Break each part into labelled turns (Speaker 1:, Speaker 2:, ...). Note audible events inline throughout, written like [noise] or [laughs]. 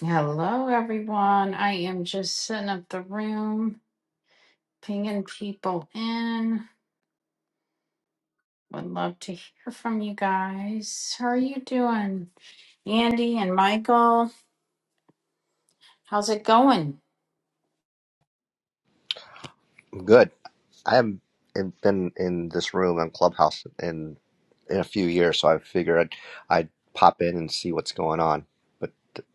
Speaker 1: Hello, everyone. I am just setting up the room, pinging people in. Would love to hear from you guys. How are you doing, Andy and Michael? How's it going?
Speaker 2: Good. I haven't been in this room on Clubhouse in in a few years, so I figured I'd, I'd pop in and see what's going on. But th-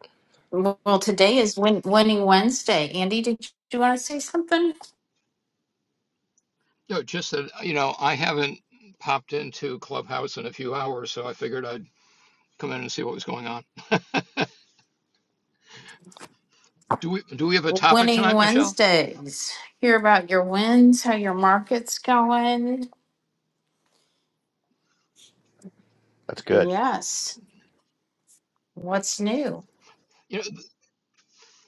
Speaker 1: Well, well, today is win- Winning Wednesday. Andy, did you want to say something?
Speaker 3: No, just that, you know, I haven't popped into Clubhouse in a few hours, so I figured I'd come in and see what was going on. Do we do we have a topic
Speaker 1: Winning
Speaker 3: tonight, Michelle?
Speaker 1: Wednesdays. Hear about your wins, how your market's going.
Speaker 2: that's good.
Speaker 1: Yes. What's new?
Speaker 3: You know, th-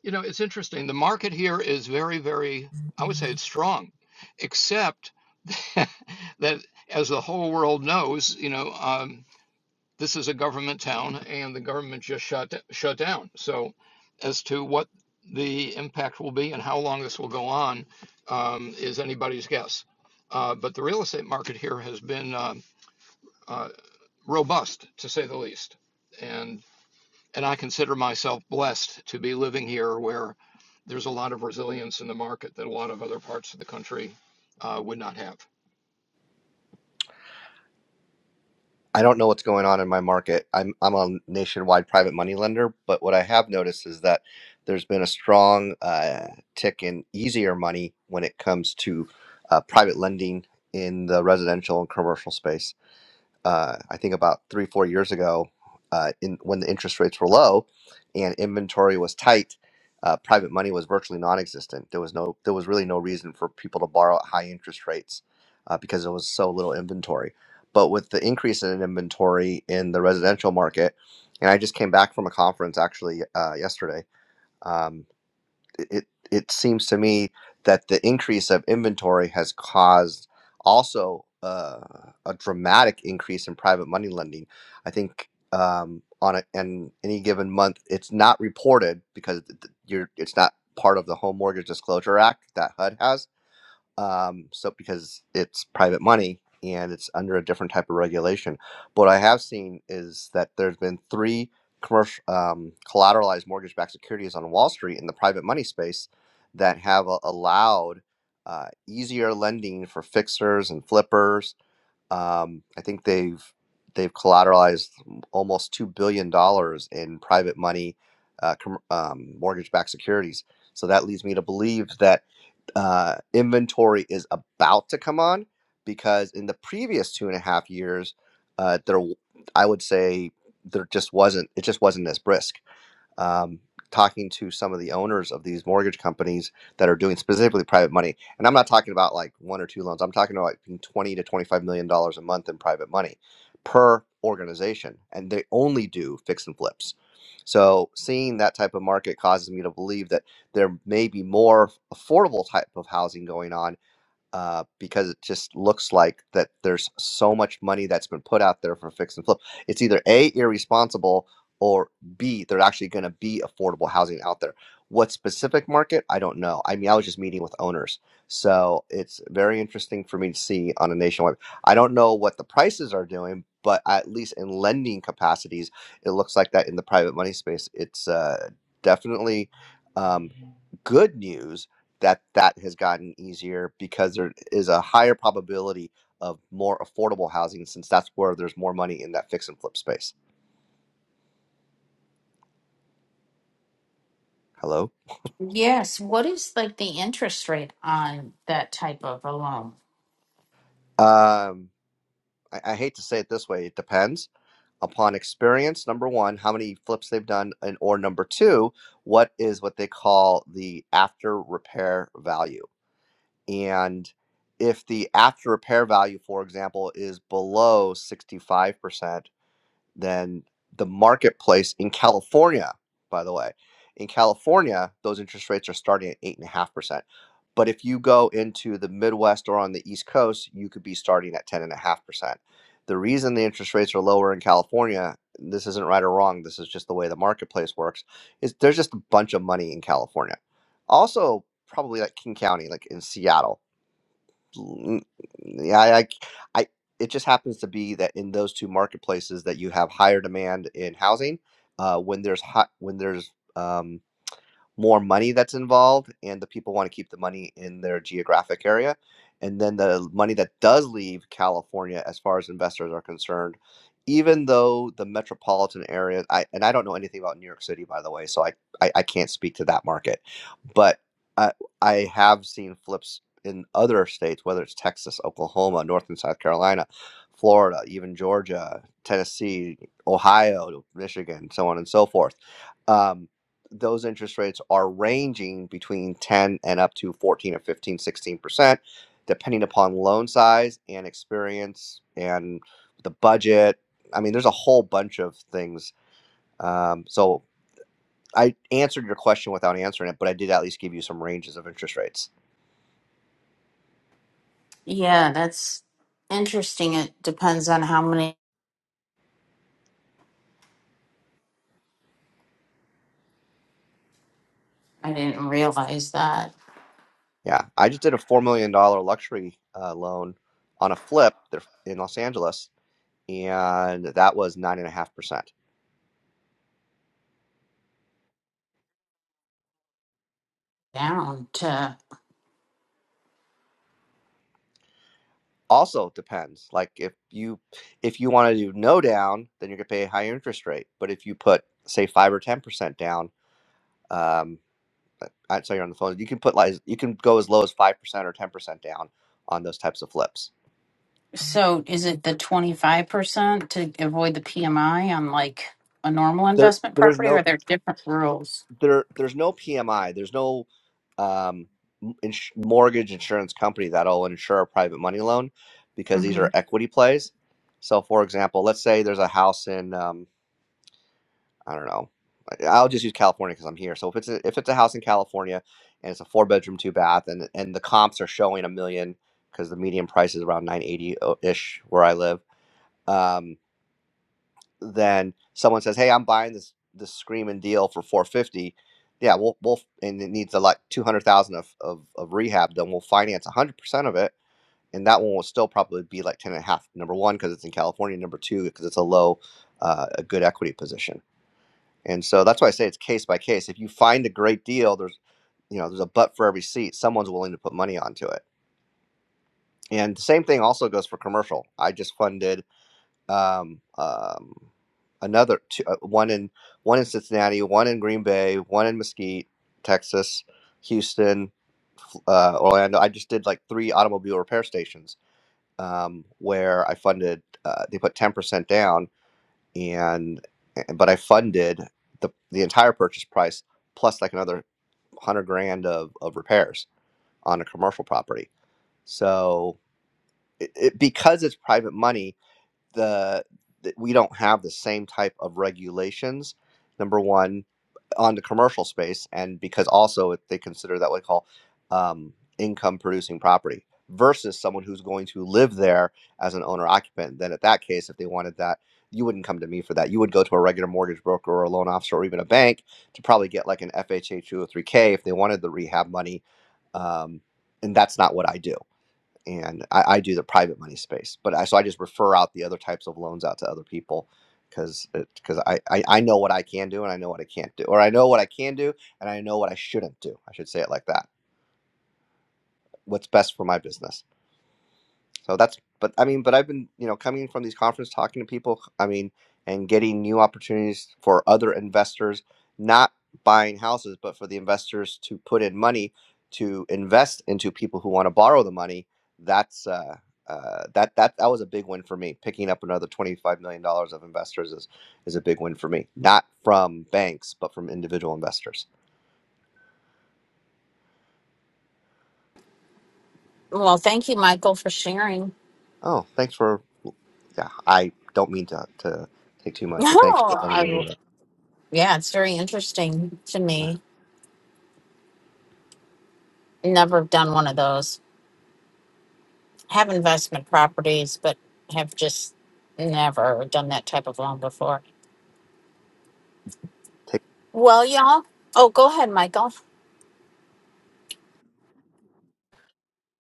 Speaker 3: you know, it's interesting. The market here is very, very, I would say it's strong, except [laughs] that as the whole world knows, you know, um, this is a government town and the government just shut shut down. So as to what the impact will be and how long this will go on um, is anybody's guess. Uh, but the real estate market here has been um uh, robust to say the least. And and I consider myself blessed to be living here where there's a lot of resilience in the market that a lot of other parts of the country uh, would not have.
Speaker 2: I don't know what's going on in my market. I'm I'm a nationwide private money lender, but what I have noticed is that there's been a strong uh, tick in easier money when it comes to uh, private lending in the residential and commercial space. uh, I think about three, four years ago, uh, in when the interest rates were low and inventory was tight, uh, private money was virtually non-existent. There was no, there was really no reason for people to borrow at high interest rates uh, because there was so little inventory. But with the increase in inventory in the residential market, and I just came back from a conference actually uh, yesterday. Um, it it seems to me that the increase of inventory has caused also uh, a dramatic increase in private money lending. I think um, on a, an any given month, it's not reported because th- th- you're it's not part of the Home Mortgage Disclosure Act that HUD has um, so because it's private money and it's under a different type of regulation. But what I have seen is that there's been three commercial um, collateralized mortgage-backed securities on Wall Street in the private money space that have a- allowed uh, easier lending for fixers and flippers. Um, I think they've they've collateralized almost two billion dollars in private money uh, com- um, mortgage-backed securities. So that leads me to believe that uh, inventory is about to come on because in the previous two and a half years, uh, there I would say there just wasn't it just wasn't as brisk um, talking to some of the owners of these mortgage companies that are doing specifically private money. And I'm not talking about like one or two loans. I'm talking about like between 20 to 25 million dollars a month in private money per organization, and they only do fix and flips. So seeing that type of market causes me to believe that there may be more affordable type of housing going on uh, because it just looks like that there's so much money that's been put out there for fix and flip. It's either A, irresponsible, or B, there actually going to be affordable housing out there. What specific market? I don't know. I mean, I was just meeting with owners. So it's very interesting for me to see on a nationwide. I don't know what the prices are doing, but at least in lending capacities, it looks like that in the private money space. It's uh, definitely um, good news that that has gotten easier because there is a higher probability of more affordable housing since that's where there's more money in that fix and flip space. Hello?
Speaker 1: Yes. What is like the interest rate on that type of a loan?
Speaker 2: Um, I, I hate to say it this way. It depends upon experience. Number one, how many flips they've done, and or number two, what is what they call the after repair value. And if the after repair value, for example, is below 65%, than the marketplace in California, by the way. In California, those interest rates are starting at 8.5%. But if you go into the Midwest or on the East Coast, you could be starting at 10.5%. The reason the interest rates are lower in California, this isn't right or wrong, this is just the way the marketplace works, is there's just a bunch of money in California. Also, probably like King County, like in Seattle Mm, yeah, I, I, I- it just happens to be that in those two marketplaces that you have higher demand in housing, uh, when there's hot, when there's um, more money that's involved, and the people want to keep the money in their geographic area. And then the money that does leave California, as far as investors are concerned, even though the metropolitan area, I, and I don't know anything about New York City, by the way, so I, I, I can't speak to that market, but I, I have seen flips in other states, whether it's Texas, Oklahoma, North and South Carolina, Florida, even Georgia, Tennessee, Ohio, Michigan, so on and so forth. Um, those interest rates are ranging between 10 and up to 14 or fifteen, sixteen percent depending upon loan size and experience and the budget. I mean, there's a whole bunch of things. Um, so I answered your question without answering it, but I did at least give you some ranges of interest rates.
Speaker 1: Yeah, that's interesting. It depends on how many. I didn't realize that.
Speaker 2: Yeah, I just did a $4 million dollar luxury uh, loan on a flip there in Los Angeles, and that was 9.5%
Speaker 1: Down to.
Speaker 2: also depends like if you if you want to do no down then you're going to pay a higher interest rate but if you put say 5 or 10% down um uh, i saw you're on the phone you can put like you can go as low as 5% or 10% down on those types of flips
Speaker 1: So is it the 25% to avoid the PMI on like a normal
Speaker 2: there
Speaker 1: investment
Speaker 2: there's
Speaker 1: property, or
Speaker 2: no
Speaker 1: are there different rules?
Speaker 2: there there's no pmi there's no um m- ins- mortgage insurance company that'll insure a private money loan because these
Speaker 1: hmm
Speaker 2: are equity plays so for example let's say there's a house in um, I don't know. I- I'll just use California because I'm here. So if it's a, if it's a house in California and it's a four bedroom two bath and and the comps are showing a million because the median price is around nine eighty ish where I live, um, then someone says, "Hey, I'm buying this this screaming deal for 450." Yeah, we'll we'll and it needs a lot 200,000 of, of of rehab done. We'll finance 100 percent of it, and that one will still probably be like 10 and a half. Number one, because it's in California. Number two, because it's a low, uh, a good equity position. And so that's why I say it's case by case. If you find a great deal, there's you know, there's a butt for every seat. Someone's willing to put money onto it. And the same thing also goes for commercial. I just funded um, um, another two, uh, one in one in Cincinnati, one in Green Bay, one in Mesquite, Texas, Houston, uh, Orlando. I just did like three automobile repair stations um, where I funded. Uh, they put ten percent down, and but I funded the the entire purchase price plus like another hundred grand of, of repairs on a commercial property. So it, it, because it's private money, the, the we don't have the same type of regulations. Number one, on the commercial space, and because also it- they consider that what they call um, income producing property versus someone who's going to live there as an owner occupant. Then, at that case, if they wanted that, you wouldn't come to me for that. You would go to a regular mortgage broker or a loan officer or even a bank to probably get like an FHA 203K if they wanted the rehab money. Um, and that's not what I do and I, I do the private money space. But I so I just refer out the other types of loans out to other people because because I, I I know what I can do and I know what I can't do, or I know what I can do and I know what I shouldn't do. I should say it like that. What's best for my business so that's, but I mean, but I've been, you know, coming in from these conferences, talking to people, I mean, and getting new opportunities for other investors, not buying houses, but for the investors to put in money to invest into people who want to borrow the money. That's, uh, uh, that that that was a big win for me. Picking up another twenty five million dollars of investors is is a big win for me. Not from banks, but from individual investors.
Speaker 1: Well, thank you, Michael, for sharing.
Speaker 2: Oh, thanks for yeah. I don't mean to to take too
Speaker 1: [laughs]
Speaker 2: much, but thanks for
Speaker 1: Oh,
Speaker 2: letting
Speaker 1: I,
Speaker 2: me do that.
Speaker 1: yeah, it's very interesting to
Speaker 2: Yeah.
Speaker 1: me. Never done one of those. Have investment properties, but have just never done that type of loan before.
Speaker 2: Take.
Speaker 1: Well, y'all. Oh, go ahead, Michael.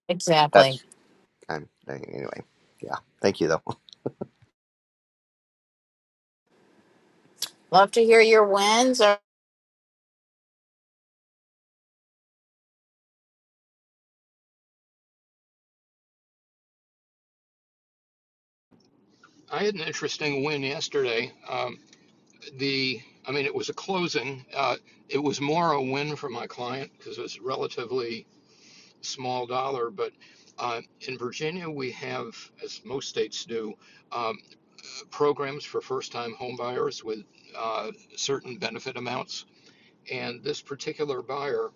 Speaker 1: Exactly.
Speaker 2: That's I'm anyway. Yeah. Thank you though. [laughs]
Speaker 1: Love to hear your wins. Or
Speaker 3: I had an interesting win yesterday. Um, the I mean, it was a closing. Uh, it was more a win for my client because it was relatively small dollar. But uh, in Virginia, we have, as most states do, um, programs for first-time home buyers with uh, certain benefit amounts. And this particular buyer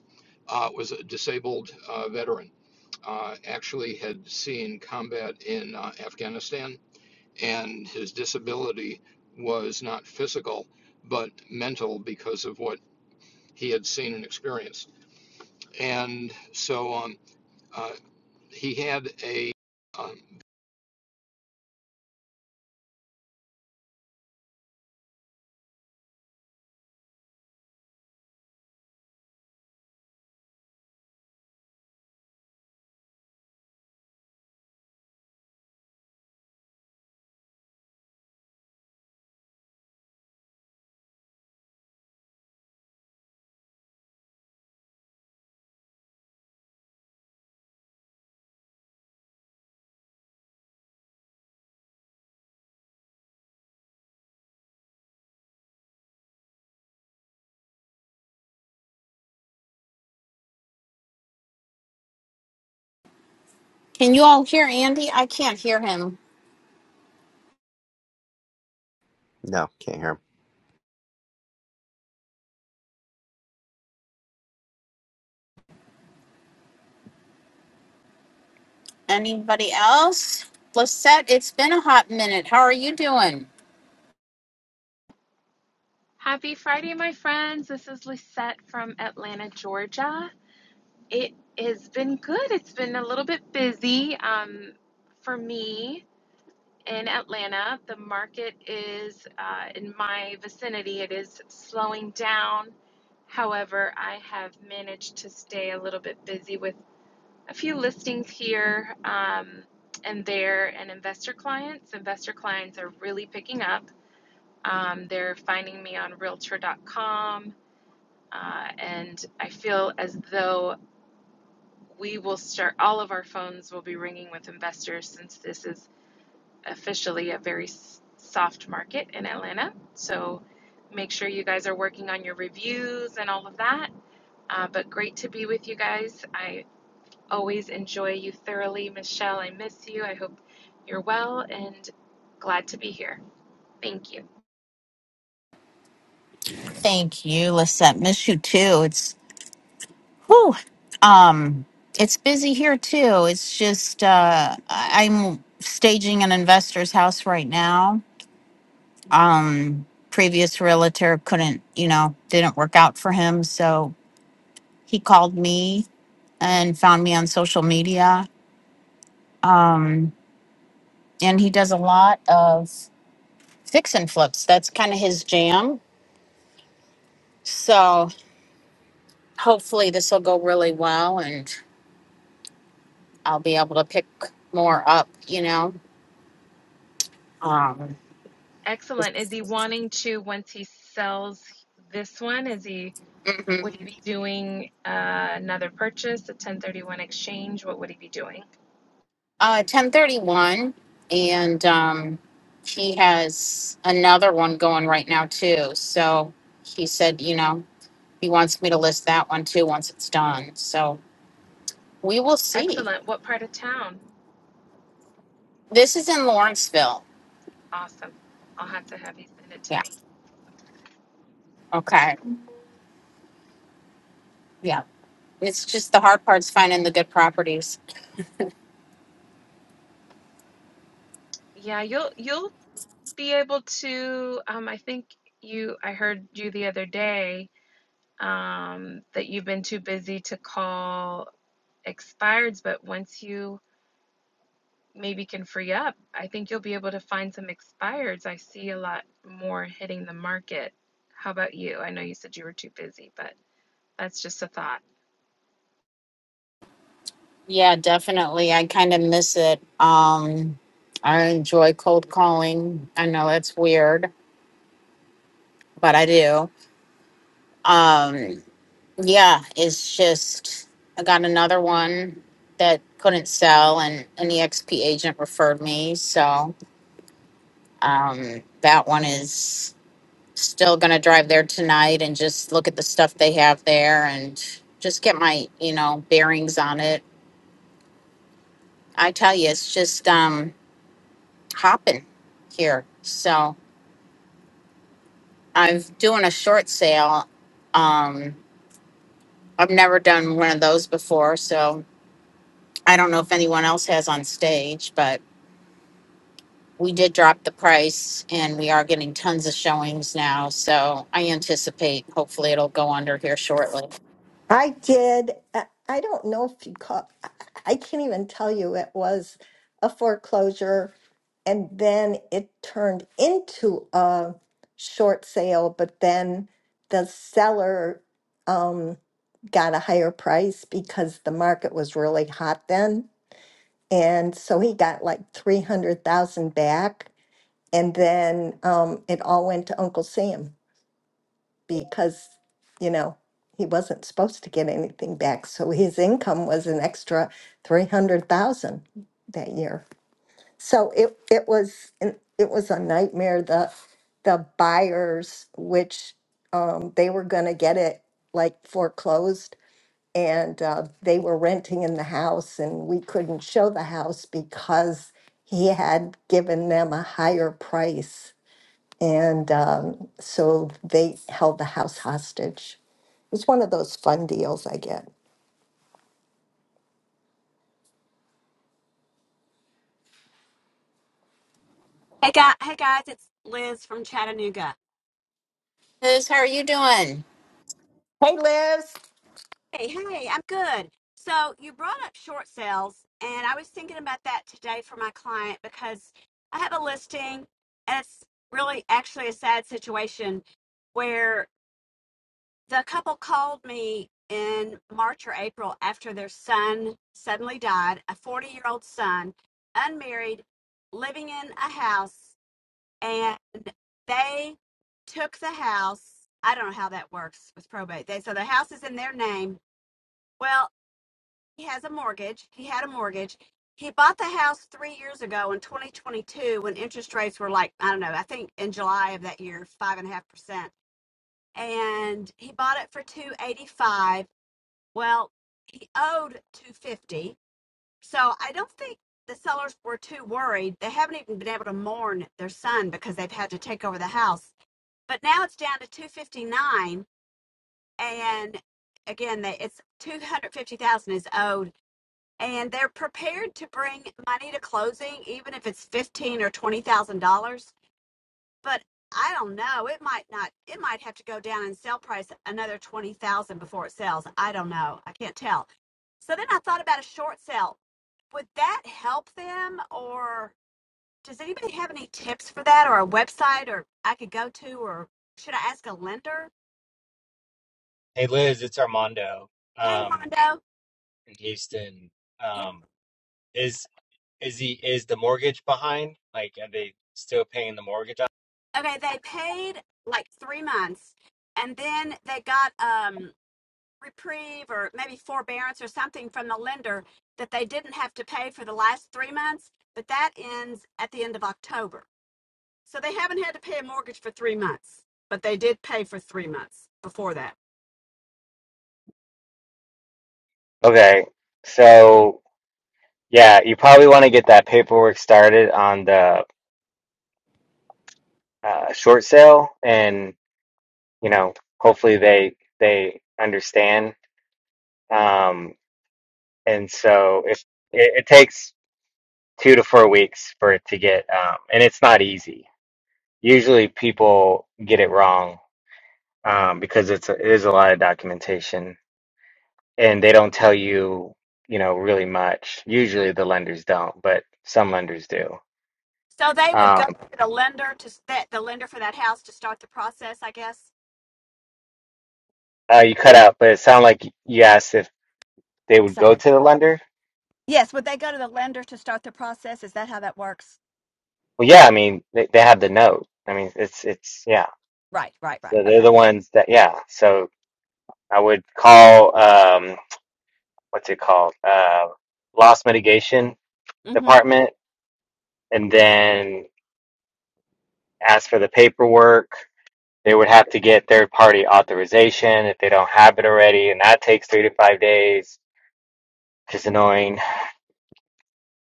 Speaker 3: uh, was a disabled uh, veteran. Uh, actually, had seen combat in uh, Afghanistan and his disability was not physical but mental because of what he had seen and experienced. And so um, uh, he had a um,
Speaker 1: can you all hear Andy? I can't hear him.
Speaker 2: No, can't hear him.
Speaker 1: Anybody else? Lisette, it's been a hot minute. How are you doing?
Speaker 4: Happy Friday, my friends. This is Lisette from Atlanta, Georgia. It has been good. It's been a little bit busy um, for me in Atlanta. The market is uh, in my vicinity, it is slowing down. However, I have managed to stay a little bit busy with a few listings here um, and there and investor clients. Investor clients are really picking up. Um, they're finding me on realtor.com uh, and I feel as though we will start, all of our phones will be ringing with investors since this is officially a very s- soft market in Atlanta. So make sure you guys are working on your reviews and all of that. Uh, but great to be with you guys. I always enjoy you thoroughly. Michelle, I miss you. I hope you're well and glad to be here. Thank you.
Speaker 1: Thank you, Lisette. Miss you too. It's whew. Um, it's busy here too. It's just uh, I- I'm staging an investor's house right now. Um, previous realtor couldn't, you know, didn't work out for him, so he called me and found me on social media. Um, and he does a lot of fix and flips. That's kind of his jam. So hopefully this will go really well, and I'll be able to pick more up. You know, um,
Speaker 4: Excellent. Is he wanting to, once he sells this one, is he?
Speaker 1: mhm.
Speaker 4: Would he be doing uh, another purchase, a 1031 exchange? What would he be doing?
Speaker 1: uh, ten thirty one, and um, he has another one going right now too. So he said, you know, he wants me to list that one too once it's done. So we will see.
Speaker 4: Excellent. What part of town?
Speaker 1: This is in Lawrenceville.
Speaker 4: Awesome. I'll have to have you send it to me.
Speaker 1: Okay. Yeah. It's just the hard part's finding the good properties.
Speaker 4: Yeah, you'll you'll be able to. Um, I think you. I heard you the other day um, that you've been too busy to call expireds, but once you maybe can free up, I think you'll be able to find some expireds. I see a lot more hitting the market. How about you? I know you said you were too busy, but. That's just a thought.
Speaker 1: Yeah, definitely. I kind of miss it. Um, I enjoy cold calling. I know that's weird, but I do. Um, yeah, it's just I got another one that couldn't sell, and an EXP agent referred me. So um, that one is still going to drive there tonight and just look at the stuff they have there and just get my you know bearings on it I tell you, it's just um, hopping here. So I'm doing a short sale. Um, I've never done one of those before, so I don't know if anyone else has on stage, but we did drop the price and we are getting tons of showings now. So I anticipate hopefully it'll go under here shortly.
Speaker 5: I did. I I don't know if you call. I I can't even tell you. It was a foreclosure, and then it turned into a short sale. But then the seller um, got a higher price because the market was really hot then, and so he got like three hundred thousand back. And then um, it all went to Uncle Sam because, you know, he wasn't supposed to get anything back. So his income was an extra 300,000 that year. So it, it was, an- it was a nightmare. The, the buyers, which um, they were going to get it like foreclosed and uh, they were renting in the house and we couldn't show the house because he had given them a higher price and um, so they held the house hostage. It was one of those fun deals I get.
Speaker 6: Hey guys, hey guys, it's Liz from Chattanooga.
Speaker 1: Liz, how are you doing?
Speaker 5: Hey, Liz,
Speaker 6: Hey, hey, I'm good. So you brought up short sales, and I was thinking about that today for my client because I have a listing, and it's really actually a sad situation where the couple called me in March or April after their son suddenly died, a 40 year old son, unmarried, living in a house. and they took the house. I don't know how that works with probate. They so the house is in their name. Well, he has a mortgage. He had a mortgage. He bought the house three years ago in 2022 when interest rates were like I don't know. I think in July of that year, five and a half percent, and he bought it for 285. Well, he owed 250. So I don't think the sellers were too worried. They haven't even been able to mourn their son because they've had to take over the house but now it's down to 259 and again they, it's 250000 is owed and they're prepared to bring money to closing even if it's 15 or 20 thousand dollars but i don't know it might not it might have to go down in sale price another 20 thousand dollars before it sells i don't know i can't tell so then i thought about a short sale would that help them or does anybody have any tips for that or a website or i could go to or should i ask a lender
Speaker 7: Hey Liz, it's Armando
Speaker 6: Hey,
Speaker 7: um,
Speaker 6: Mondo.
Speaker 7: in Houston.
Speaker 6: Yeah.
Speaker 7: Um, is is the is the mortgage behind? Like, are they still paying the mortgage on?
Speaker 6: Okay, they paid like three months and then they got um reprieve or maybe forbearance or something from the lender that they didn't have to pay for the last three months, but that ends at the end of October. So they haven't had to pay a mortgage for three months, but they did pay for three months before that.
Speaker 7: Okay, so yeah, you probably want to get that paperwork started on the uh, short sale, and you know, hopefully they they understand. Um, and so if it, it takes two to four weeks for it to get, um, and it's not easy. Usually people get it wrong um, because it's a, it is a lot of documentation, and they don't tell you, you know, really much. Usually the lenders don't, but some lenders do.
Speaker 6: So they would go
Speaker 7: Um,
Speaker 6: to the lender to s- that the lender for that house to start the process, I guess.
Speaker 7: uh, you cut out, but it sounded like you asked if they would go
Speaker 6: Sorry.
Speaker 7: to the lender.
Speaker 6: Yes, would they go to the lender to start the process? Is that how that works?
Speaker 7: Well, yeah, I mean they they have the note. I mean it's it's yeah.
Speaker 6: Right, right, right.
Speaker 7: So they're
Speaker 6: Okay.
Speaker 7: the ones that yeah. So I would call um what's it called uh loss mitigation
Speaker 6: hmm
Speaker 7: department, and then ask for the paperwork They would have to get third party authorization if they don't have it already, and that takes three to five days, which is annoying.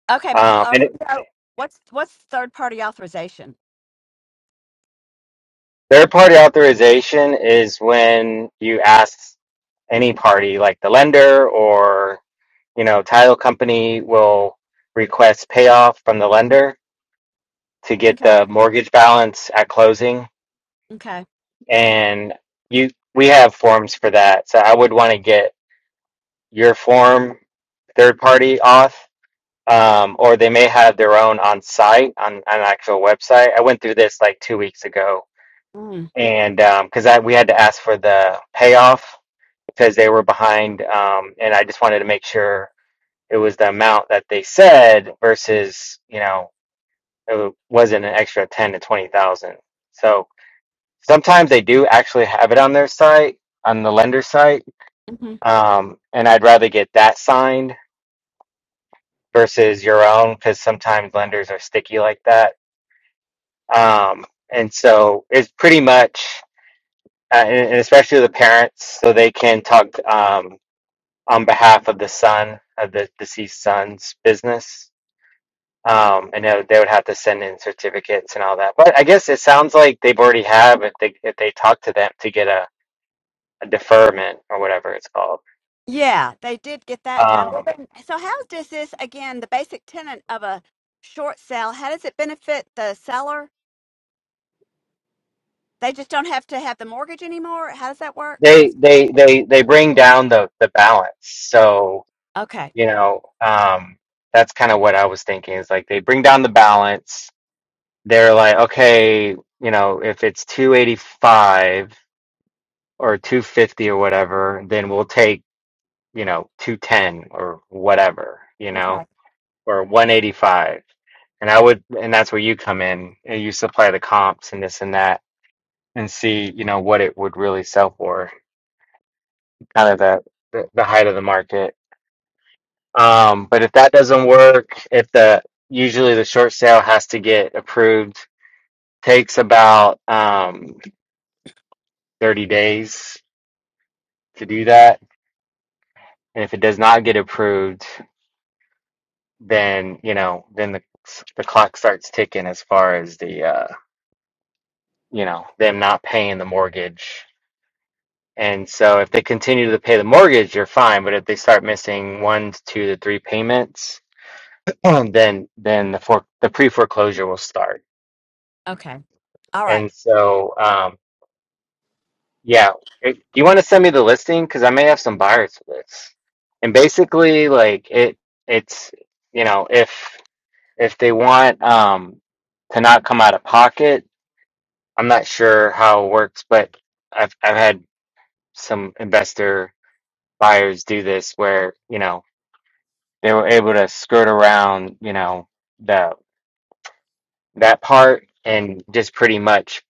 Speaker 6: Okay,
Speaker 7: Um, and it,
Speaker 6: Armando, what's what's third party authorization?
Speaker 7: third party authorization is when you ask any party, like the lender or you know title company, will request payoff from the lender to get
Speaker 6: Okay.
Speaker 7: the mortgage balance at closing,
Speaker 6: Okay.
Speaker 7: and you we have forms for that. So I would want to get your form third party auth um, or they may have their own on site on, on an actual website. I went through this like two weeks ago, and um, because I we had to ask for the payoff because they were behind, um, and I just wanted to make sure it was the amount that they said versus you know it wasn't an extra ten to twenty thousand. So sometimes they do actually have it on their site on the lender site,
Speaker 6: Mm-hmm.
Speaker 7: um, and I'd rather get that signed versus your own because sometimes lenders are sticky like that Um, and so it's pretty much, uh, and, and especially the parents, so they can talk um, on behalf of the son of the deceased son's business. Um, and they would they would have to send in certificates and all that. But I guess it sounds like they've already have if they if they talk to them to get a, a deferment or whatever it's called.
Speaker 6: Yeah, they did get that done. Well,
Speaker 7: Um,
Speaker 6: then- So how does this again, the basic tenet of a short sale, how does it benefit the seller? They just don't have to have the mortgage anymore? How does that work? How
Speaker 7: they
Speaker 6: does
Speaker 7: they they they bring down the the balance. So
Speaker 6: Okay.
Speaker 7: you know, um, that's kind of what I was thinking is like they bring down the balance they're like, okay, you know, if it's 285 or 250 or whatever, then we'll take, you know, 210 or whatever, you know,
Speaker 6: Okay.
Speaker 7: or 185. And I would, and that's where you come in and you supply the comps and this and that and see, you know, what it would really sell for, kind of the, the, the height of the market. Um, but if that doesn't work, if the, usually the short sale has to get approved, takes about, um, 30 days to do that. And if it does not get approved, then, you know, then the the clock starts ticking as far as the uh, you know, them not paying the mortgage. And so if they continue to pay the mortgage, you're fine. But if they start missing one, two to three payments, [clears throat] then then the for the pre-foreclosure will start.
Speaker 6: Okay. All right.
Speaker 7: And so um yeah, If- do you want to send me the listing? Because I may have some buyers for this. And basically like it it's you know, if if they want um to not come out of pocket, I'm not sure how it works, but I've I've had some investor buyers do this where, you know, they were able to skirt around, you know, the that part and just pretty much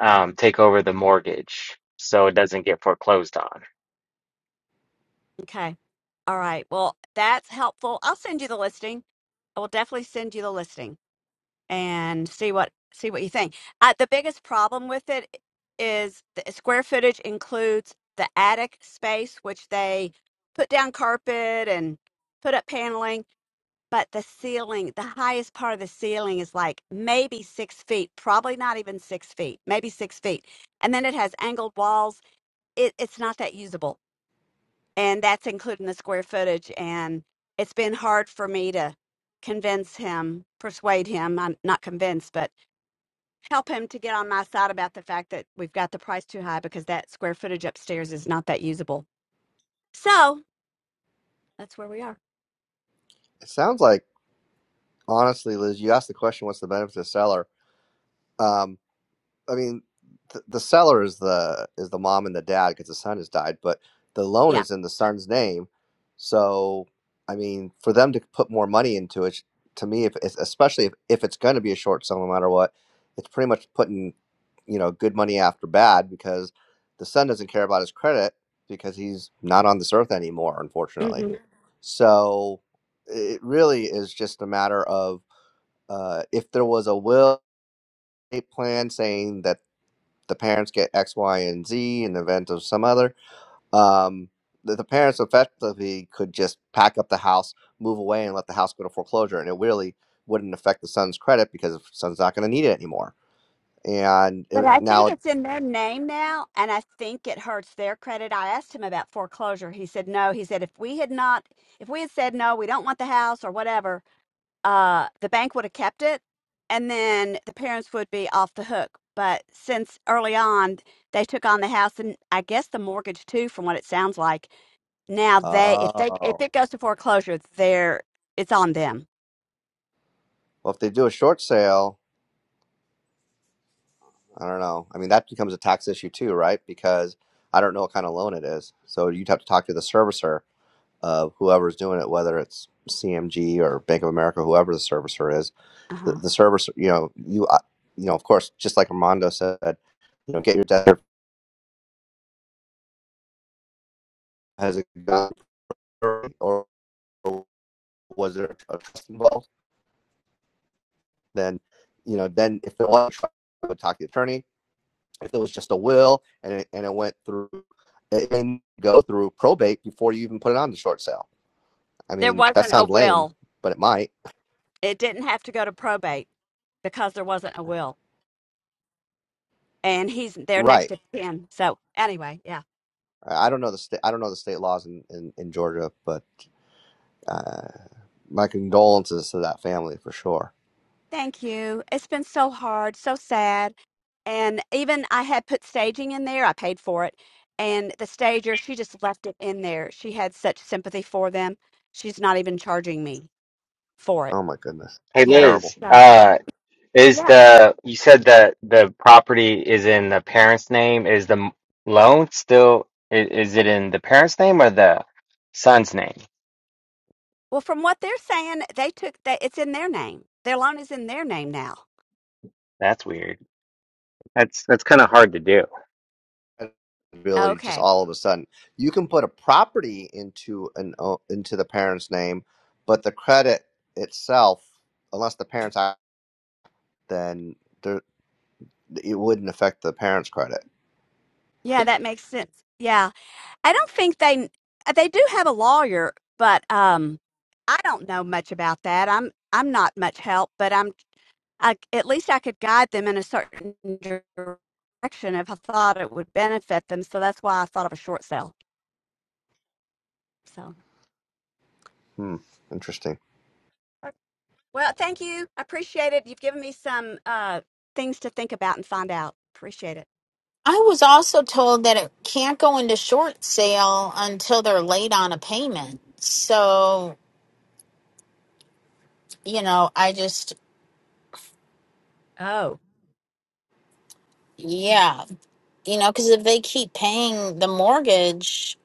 Speaker 7: um take over the mortgage so it doesn't get foreclosed on.
Speaker 6: Okay. All right. Well, that's helpful. I'll send you the listing. I will definitely send you the listing. and see what see what you think. Uh, the biggest problem with it is the square footage includes the attic space, which they put down carpet and put up paneling, but the ceiling, the highest part of the ceiling is like maybe six feet, probably not even six feet, maybe six feet, and then it has angled walls. It, it's not that usable, and that's including the square footage. And it's been hard for me to convince him, persuade him. I'm not convinced, but help him to get on my side about the fact that we've got the price too high because that square footage upstairs is not that usable. So that's where we are.
Speaker 2: It sounds like honestly, Liz, you asked the question, what's the benefit to the seller? Um, I mean, th- the seller is the is the mom and the dad because the son has died, but the loan
Speaker 6: Yeah.
Speaker 2: is in the son's name. So, I mean, for them to put more money into it, to me, if it's, especially if, if it's going to be a short sale, no matter what, it's pretty much putting you know good money after bad because the son doesn't care about his credit because he's not on this earth anymore, unfortunately.
Speaker 6: hmm
Speaker 2: So, it really is just a matter of uh, if there was a will estate plan saying that the parents get X, Y, and Z in the event of some other. Um, the, the parents effectively could just pack up the house, move away, and let the house go to foreclosure, and it really wouldn't affect the son's credit because the son's not going to need it anymore. And
Speaker 6: But
Speaker 2: it,
Speaker 6: I think
Speaker 2: now,
Speaker 6: it's in their name now, and I think it hurts their credit. I asked him about foreclosure. He said no. He said if we had not, if we had said no, we don't want the house or whatever, uh, the bank would have kept it, and then the parents would be off the hook. But since early on, they took on the house and I guess the mortgage too, from what it sounds like Now they, if they, if
Speaker 2: oh,
Speaker 6: it goes to foreclosure, they're, it's on them.
Speaker 2: well, if they do a short sale, I don't know. I mean, that becomes a tax issue too, right? Because I don't know what kind of loan it is, so you'd have to talk to the servicer of whoever's doing it, whether it's CMG or Bank of America, whoever the servicer is the,
Speaker 6: Uh-huh.
Speaker 2: the servers, you know, you, uh, you know, of course, just like Armando said, you know, get your desk has a gun or was there a trust involved? Then, you know, then if it was, I would talk to the attorney. If it was just a will and it, and it went through, it may go through probate before you even put it on the short sale. I
Speaker 6: There
Speaker 2: mean, that
Speaker 6: wasn't a
Speaker 2: sounds lame,
Speaker 6: will.
Speaker 2: but it might.
Speaker 6: It didn't have to go to probate because there wasn't a will, and he's they're next
Speaker 2: Right.
Speaker 6: of kin. So anyway, yeah.
Speaker 2: I I don't know the state. I don't know the state laws in in, in Georgia, but uh, my condolences to that family for sure.
Speaker 6: Thank you. It's been so hard, so sad. And even I had put staging in there, I paid for it. And the stager, she just left it in there. She had such sympathy for them. She's not even charging me for it.
Speaker 2: Oh my goodness,
Speaker 7: Hey
Speaker 6: Yeah.
Speaker 2: terrible.
Speaker 7: Liz,
Speaker 6: So,
Speaker 7: uh Is
Speaker 6: yeah.
Speaker 7: the you said that the property is in the parents' name? Is the m- loan still is, is it in the parents' name or the son's name?
Speaker 6: Well, from what they're saying, they took that, it's in their name. Their loan is in their name now.
Speaker 7: That's weird. That's that's kind of hard to do.
Speaker 2: really just
Speaker 6: Okay.
Speaker 2: all of a sudden. You can put a property into an o- into the parent's name, but the credit itself, unless the parents act, then there, it wouldn't affect the parent's credit.
Speaker 6: Yeah, that makes sense. Yeah. I don't think they, they do have a lawyer, but, um, I don't know much about that. I'm I'm not much help, but I'm I, c- at least I could guide them in a certain direction if I thought it would benefit them. So that's why I thought of a short sale. So,
Speaker 2: Hmm, interesting.
Speaker 6: well, thank you. I appreciate it. You've given me some uh, things to think about and find out. Appreciate it.
Speaker 1: I was also told that it can't go into short sale until they're late on a payment. So you know, I just
Speaker 6: Oh,
Speaker 1: Yeah, you know, because if they keep paying the mortgage,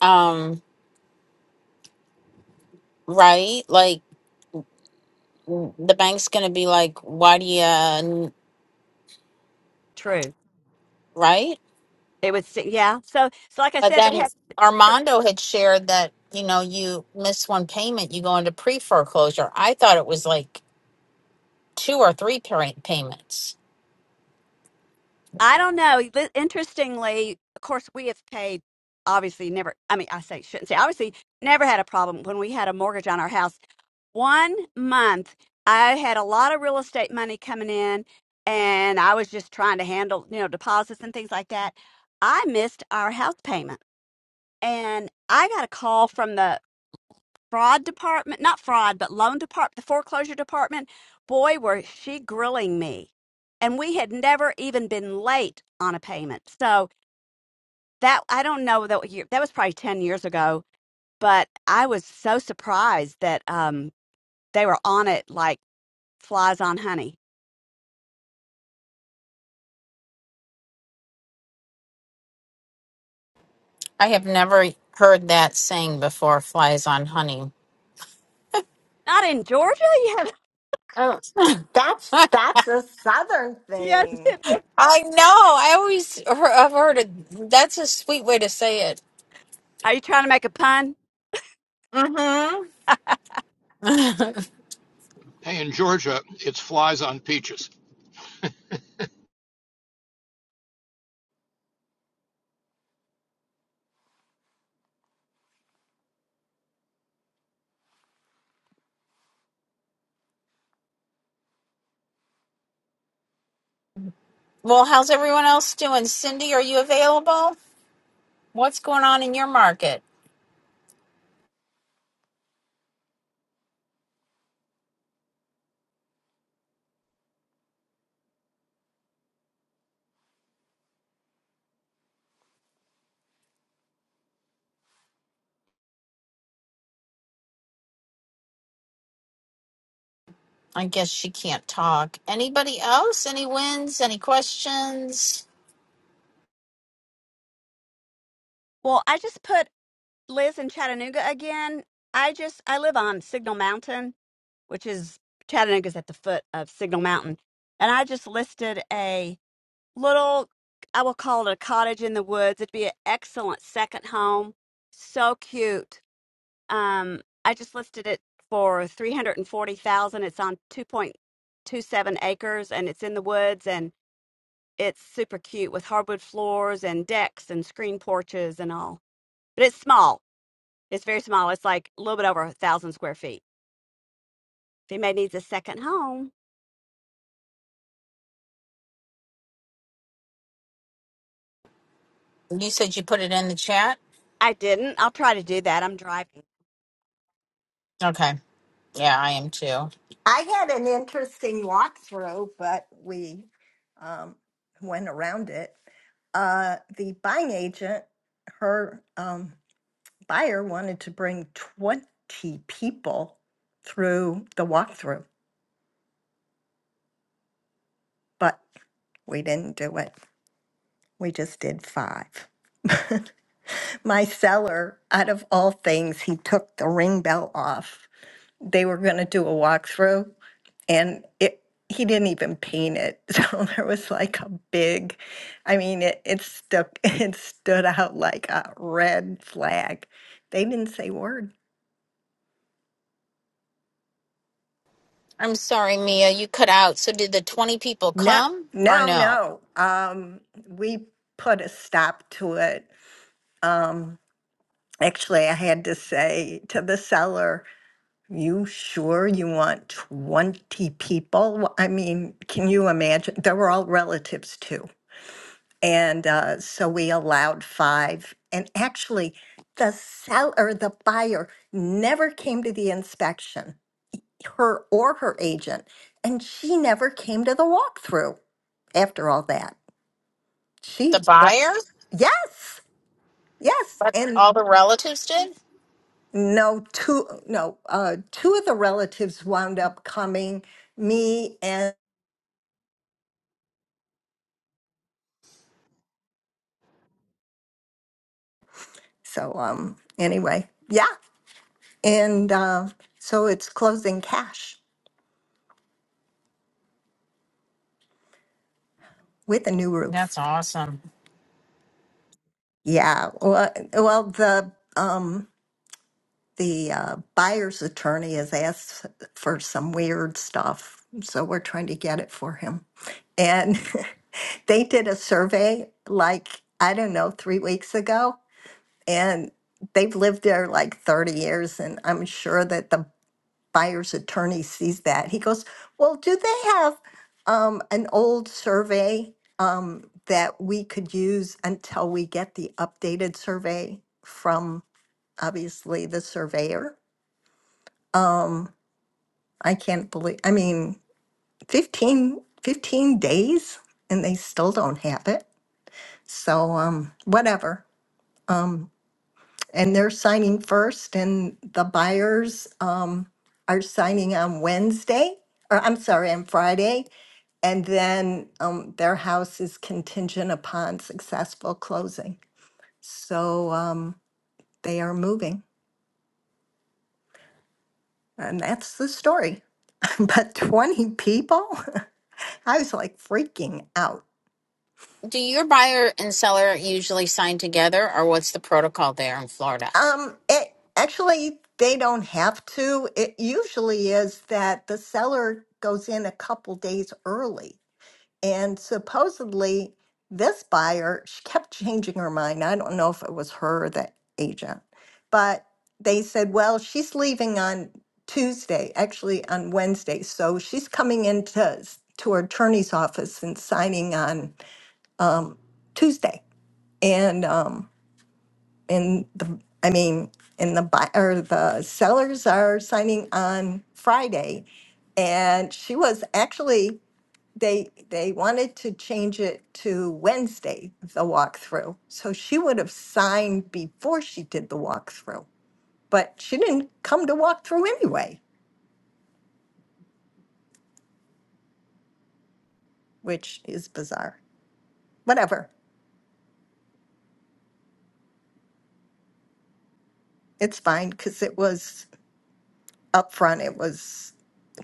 Speaker 1: um, right, like w- the bank's gonna be like, why do you, uh, n-
Speaker 6: true.
Speaker 1: right?
Speaker 6: It was, yeah. So, so like I
Speaker 1: But
Speaker 6: said, they
Speaker 1: then
Speaker 6: had.
Speaker 1: Armando had shared that, you know, you miss one payment, you go into pre-foreclosure. I thought it was like two or three pay- payments.
Speaker 6: I don't know. Li- Interestingly, of course, we have paid, obviously, never, I mean, I say, shouldn't say, obviously, never had a problem when we had a mortgage on our house. One month, I had a lot of real estate money coming in, and I was just trying to handle, you know, deposits and things like that. I missed our house payment, and I got a call from the fraud department, not fraud, but loan department, the foreclosure department, boy, were she grilling me. And we had never even been late on a payment. So that, I don't know, that, year, that was probably 10 years ago, but I was so surprised that um, they were on it like flies on honey.
Speaker 1: I have never e, heard that saying before, flies on honey.
Speaker 6: Not in Georgia? [laughs]
Speaker 1: Oh. [laughs]
Speaker 5: that's that's a Southern
Speaker 6: Yes.
Speaker 5: thing.
Speaker 6: yes.
Speaker 1: I know. I always hear- I've heard it. That's a sweet way to say it.
Speaker 6: Are you trying to make a pun?
Speaker 1: Mm-hmm. [laughs] well,
Speaker 3: hey in Georgia, it's flies on peaches.
Speaker 1: how's everyone else doing? Cindy, are you available? What's going on in your market? I guess she can't talk. Anybody else? Any wins? Any questions?
Speaker 6: Well, I just put Liz in Chattanooga again. I just, I live on Signal Mountain which is Chattanooga's at the foot of Signal Mountain. And I just listed a little, I will call it a cottage in the woods. It'd be an excellent second home. So cute. Um, I just listed it for 340,000. It's on 2.27 acres and it's in the woods and it's super cute with hardwood floors and decks and screen porches and all. But it's small. It's very small. It's like a little bit over a thousand square feet. If anybody needs a second home,
Speaker 1: You said you put it in the chat?
Speaker 6: I didn't. I'll try to do that. I'm driving.
Speaker 1: Okay. Yeah, I am too.
Speaker 5: I had an interesting walkthrough, but we um, went around it. Uh, the buying agent, her um, buyer wanted to bring 20 people through the walkthrough, but we didn't do it. We just did five. [laughs] My seller, out of all things, he took the ring bell off. They were going to do a walkthrough, and it he didn't even paint it. [laughs] So there was like a big, I mean, it, it stuck, [laughs] it stood out like a red flag. They didn't say word.
Speaker 1: I'm sorry, Mia, you cut out. So did the 20 people
Speaker 5: No,
Speaker 1: come or
Speaker 5: no,
Speaker 1: no?
Speaker 5: no. Um, we put a stop to it. Um, actually, I had to say to the seller. You sure you want 20 people? Well, I mean, can you imagine? They were all relatives too. And uh, so we allowed five. And actually, the seller, the buyer, never came to the inspection, her or her agent. And she never came to the walkthrough after all that.
Speaker 1: The
Speaker 5: She,
Speaker 1: buyer?
Speaker 5: yes, yes.
Speaker 1: But
Speaker 5: And
Speaker 1: all the relatives did?
Speaker 5: no, two, no, uh, two of the relatives wound up coming, me and So um, anyway, yeah, and uh, so it's closing cash with a new roof.
Speaker 1: That's awesome.
Speaker 5: Yeah, well, well the um, the uh, buyer's attorney has asked for some weird stuff, so we're trying to get it for him. And [laughs] they did a survey like I don't know three weeks ago, and they've lived there like 30 years and i'm sure that the buyer's attorney sees that. He goes, Well, do they have um, an old survey um, that we could use until we get the updated survey from obviously the surveyor? Um, I can't believe, I mean, 15, 15 days and they still don't have it. So, um, whatever. Um, and they're signing first and the buyers, um, are signing on Wednesday, or I'm sorry, on Friday. And then um, their house is contingent upon successful closing. So um, they are moving. And that's the story. [laughs] but 20 people? [laughs] I was like freaking out.
Speaker 1: Do your buyer and seller usually sign together or what's the protocol there in Florida?
Speaker 5: Um, it, actually, they don't have to. It usually is that the seller goes in a couple days early And supposedly, this buyer she kept changing her mind. I don't know if it was her or the agent, but they said, well, she's leaving on Tuesday, actually on Wednesday. So she's coming into s- to her attorney's office and signing on um, Tuesday. And um, and the I mean, and the buyer, the sellers are signing on Friday. And she was actually they, they wanted to change it to Wednesday, the walkthrough. So she would have signed before she did the walkthrough, but she didn't come to walkthrough anyway, which is bizarre. Whatever, it's fine, because it was upfront, it was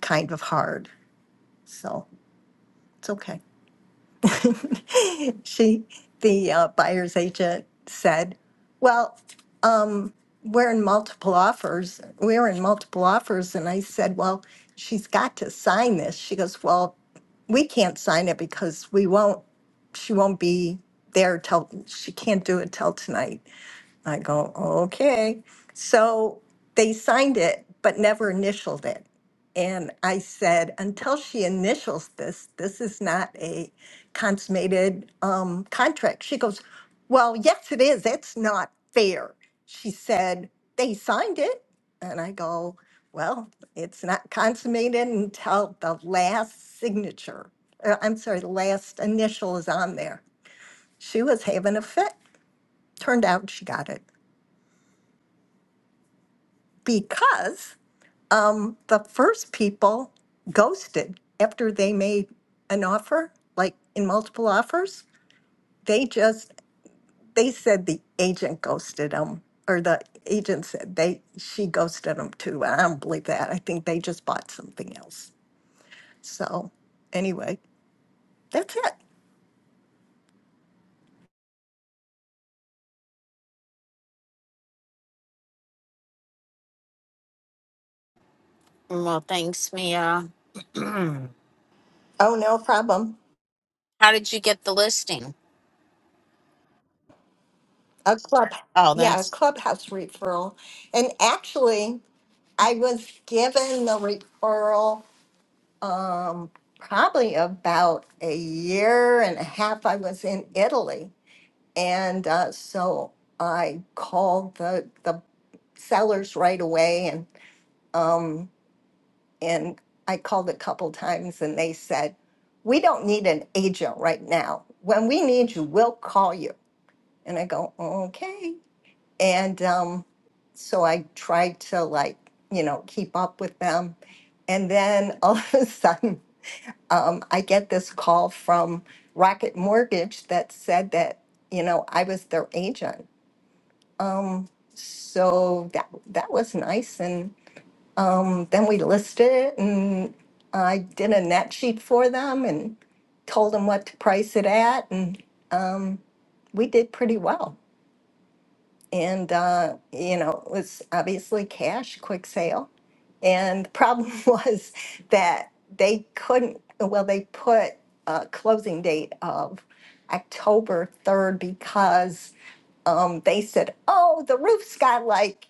Speaker 5: kind of hard, so it's okay. [laughs] she, the uh, buyer's agent said, well, um, we're in multiple offers. We were in multiple offers. And I said, well, she's got to sign this. She goes, well, we can't sign it because we won't, she won't be there till, she can't do it till tonight. I go, okay. So they signed it, but never initialed it. And I said, until she initials this, this is not a consummated um, contract. She goes, well, yes, it is. That's not fair. She said, they signed it. And I go, well, it's not consummated until the last signature. uh, I'm sorry, the last initial is on there. She was having a fit. Turned out she got it. because um, the first people ghosted after they made an offer, like in multiple offers. They just they said the agent ghosted them, or the agent said they she ghosted them too. I don't believe that. I think they just bought something else. So anyway, that's it.
Speaker 1: Well, thanks, Mia. Mm.
Speaker 5: Oh no problem.
Speaker 1: How did you get the listing?
Speaker 5: A club,
Speaker 1: Oh,
Speaker 5: yeah, a
Speaker 1: that's
Speaker 5: clubhouse referral, and actually I was given the referral Um, probably about a year and a half, I was in Italy. And uh, so I called the, the sellers right away and, um, and I called a couple times and they said, we don't need an agent right now. When we need you, we'll call you. And I go, okay. And, um, so I tried to like, you know, keep up with them. And then all [laughs] of a sudden um, I get this call from Rocket Mortgage that said that, you know, I was their agent. Um, so that that was nice. And um, then we listed it and I did a net sheet for them and told them what to price it at. And um, we did pretty well and uh, you know it was obviously cash quick sale and the problem [laughs] was that they couldn't well they put a closing date of october 3rd because um, they said oh the roof's got like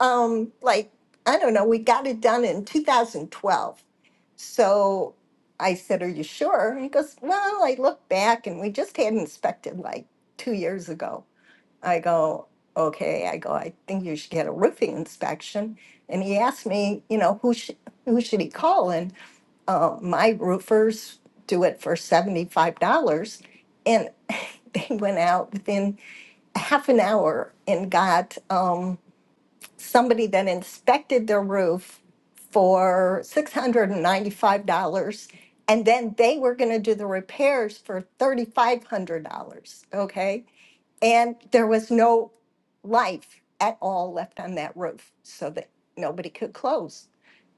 Speaker 5: um, like i don't know we got it done in 2012 so I said, Are you sure? And he goes, Well, I look back and we just had inspected like two years ago. I go, okay, I go, I think you should get a roofing inspection. And he asked me, you know, who should, who should he call? And uh, my roofers do it for $75. And [laughs] they went out within half an hour and got um, somebody that inspected their roof for $695. And ninety five dollars. And then they were going to do the repairs for $3,500. Okay. And there was no life at all left on that roof so that nobody could close.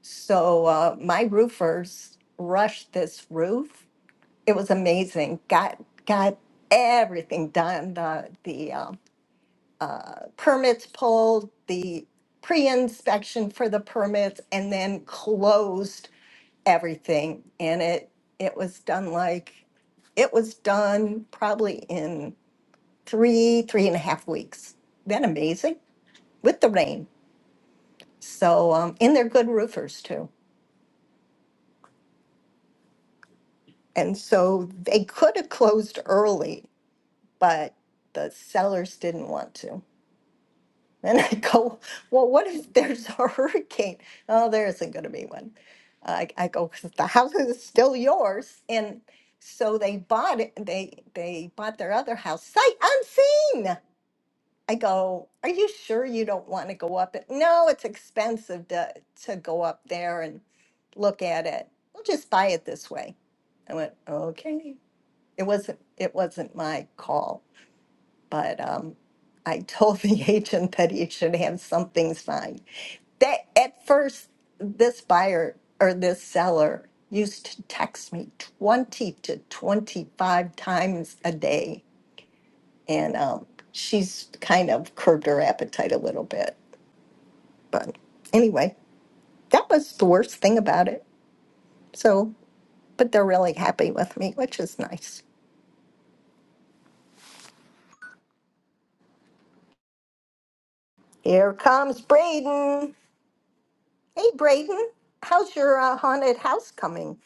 Speaker 5: So uh, my roofers rushed this roof. It was amazing. Got got everything done. The the um, uh, permits pulled, the pre-inspection for the permits, and then closed everything. And it it was done like it was done probably in three, three and a half weeks. Been amazing with the rain. So, um, and they're good roofers too. And so they could have closed early, but the sellers didn't want to. [laughs] And I go, well, what if there's a hurricane? Oh, there isn't going to be one. I, I go, 'cause the house is still yours. And so they bought it. They they bought their other house sight unseen. I go, "Are you sure you don't want to go up it?" No, it's expensive to to go up there and look at it. We'll just buy it this way. I went, "Okay." It wasn't it wasn't my call, but um I told the [laughs] agent that he should have some things signed. That at first this buyer or this seller used to text me 20 to 25 times a day and um, she's kind of curbed her appetite a little bit. But anyway, that was the worst thing about it. So, but they're really happy with me, which is nice. Here comes Braden. Hey, Braden, how's your uh, haunted house coming?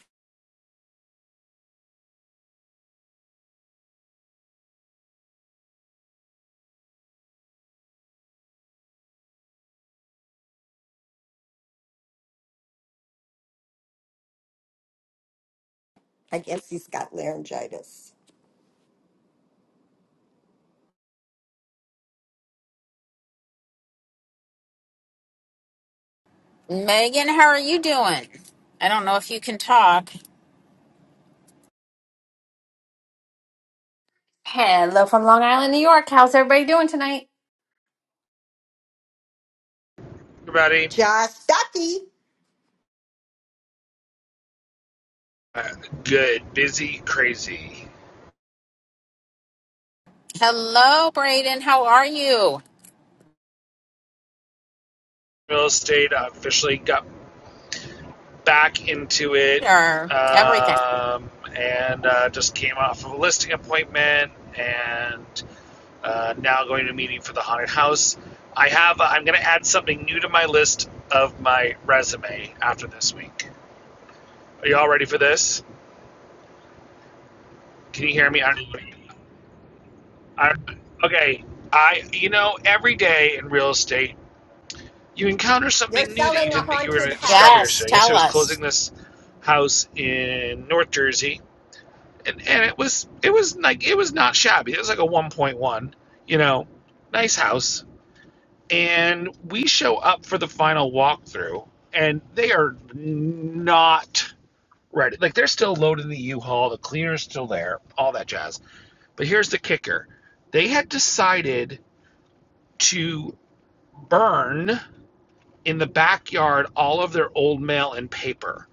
Speaker 5: I guess he's got laryngitis.
Speaker 1: Megan. How are you doing? I don't know if you can talk.
Speaker 8: Hello from Long Island, New York. How's everybody doing tonight?
Speaker 9: everybody.
Speaker 5: Just Ducky,
Speaker 9: Uh, good, busy, crazy.
Speaker 1: Hello, Braden. How are you?
Speaker 9: Real estate I officially got back into it
Speaker 1: Or everything.
Speaker 9: um, and uh, just came off of a listing appointment and uh, now going to a meeting for the haunted house. I have. uh, I'm going to add something new to my list of my resume after this week. Are you all ready for this? Can you hear me? I'm, I'm, okay. I, you know, every day in real estate, you encounter
Speaker 5: you're
Speaker 9: something new that you
Speaker 5: selling a
Speaker 9: didn't think you were going
Speaker 5: haunted
Speaker 9: to discover
Speaker 5: house.
Speaker 1: Yes,
Speaker 9: yesterday. Yesterday
Speaker 1: tell
Speaker 9: I was closing
Speaker 1: us.
Speaker 9: this house in North Jersey, and, and it was it was like it was not shabby. It was like a 1.1, you know, nice house. And we show up for the final walkthrough, and they are not ready. Like they're still loading the U-Haul, the cleaner's still there, all that jazz. But here's the kicker: they had decided to burn in the backyard all of their old mail and paper,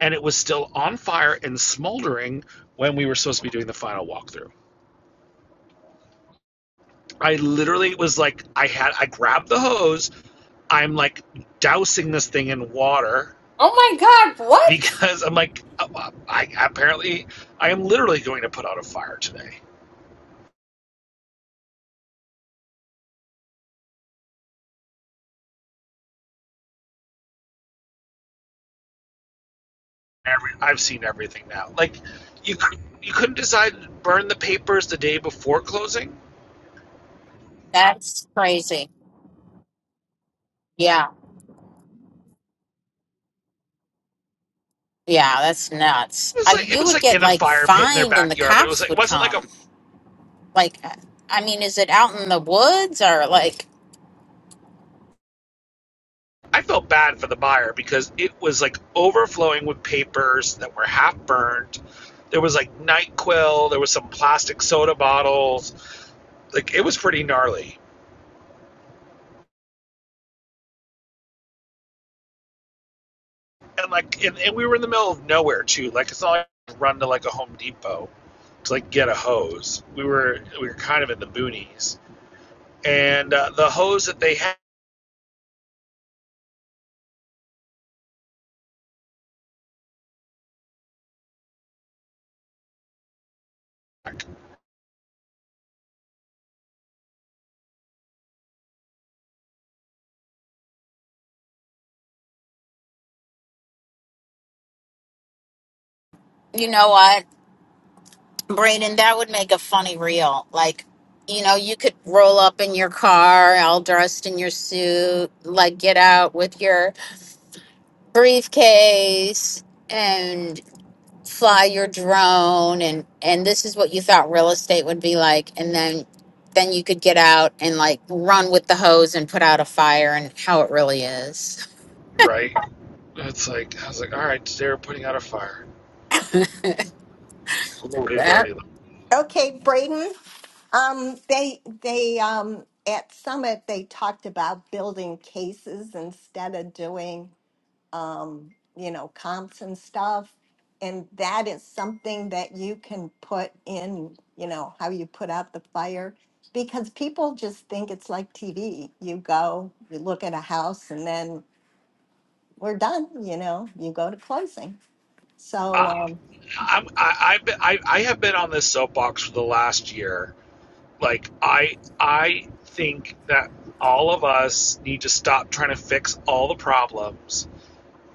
Speaker 9: and it was still on fire and smoldering when we were supposed to be doing the final walkthrough. I literally was like, I had, I grabbed the hose. I'm like dousing this thing in water
Speaker 8: Oh my God,
Speaker 9: [laughs]
Speaker 8: what?
Speaker 9: because I'm like, I, I apparently, I am literally going to put out a fire today. Every, I've seen everything now. Like, you you couldn't decide to burn the papers the day before closing.
Speaker 1: That's crazy. Yeah. Yeah, that's nuts.
Speaker 9: It
Speaker 1: I,
Speaker 9: was like it
Speaker 1: you
Speaker 9: was
Speaker 1: would
Speaker 9: like
Speaker 1: get
Speaker 9: in a
Speaker 1: like
Speaker 9: fire pit in their
Speaker 1: fined and the
Speaker 9: backyard, but it was
Speaker 1: cops
Speaker 9: like it
Speaker 1: would
Speaker 9: wasn't like a
Speaker 1: come. Like, I mean, is it out in the woods or like,
Speaker 9: I felt bad for the buyer because it was like overflowing with papers that were half burned. There was like NyQuil, there was some plastic soda bottles. Like it was pretty gnarly. And like and, and we were in the middle of nowhere too. Like it's not like I could run to like a Home Depot to like get a hose. We were we were kind of in the boonies. And uh, the hose that they had
Speaker 1: you know what? Braden, that would make a funny reel. Like, you know, you could roll up in your car, all dressed in your suit, like get out with your briefcase and fly your drone and and this is what you thought real estate would be like and then then you could get out and like run with the hose and put out a fire and how it really is.
Speaker 9: right it's like I was like, all right, they're putting out a fire. Lordy,
Speaker 1: That
Speaker 9: lordy, lordy.
Speaker 5: Okay, Braden. Um, they they um at Summit they talked about building cases instead of doing um, you know, comps and stuff. And that is something that you can put in, you know, how you put out the fire because people just think it's like TV. You go, you look at a house, and then we're done, you know, you go to closing. So, um,
Speaker 9: I'm, I, I've been, I, I have been on this soapbox for the last year. Like I I think that all of us need to stop trying to fix all the problems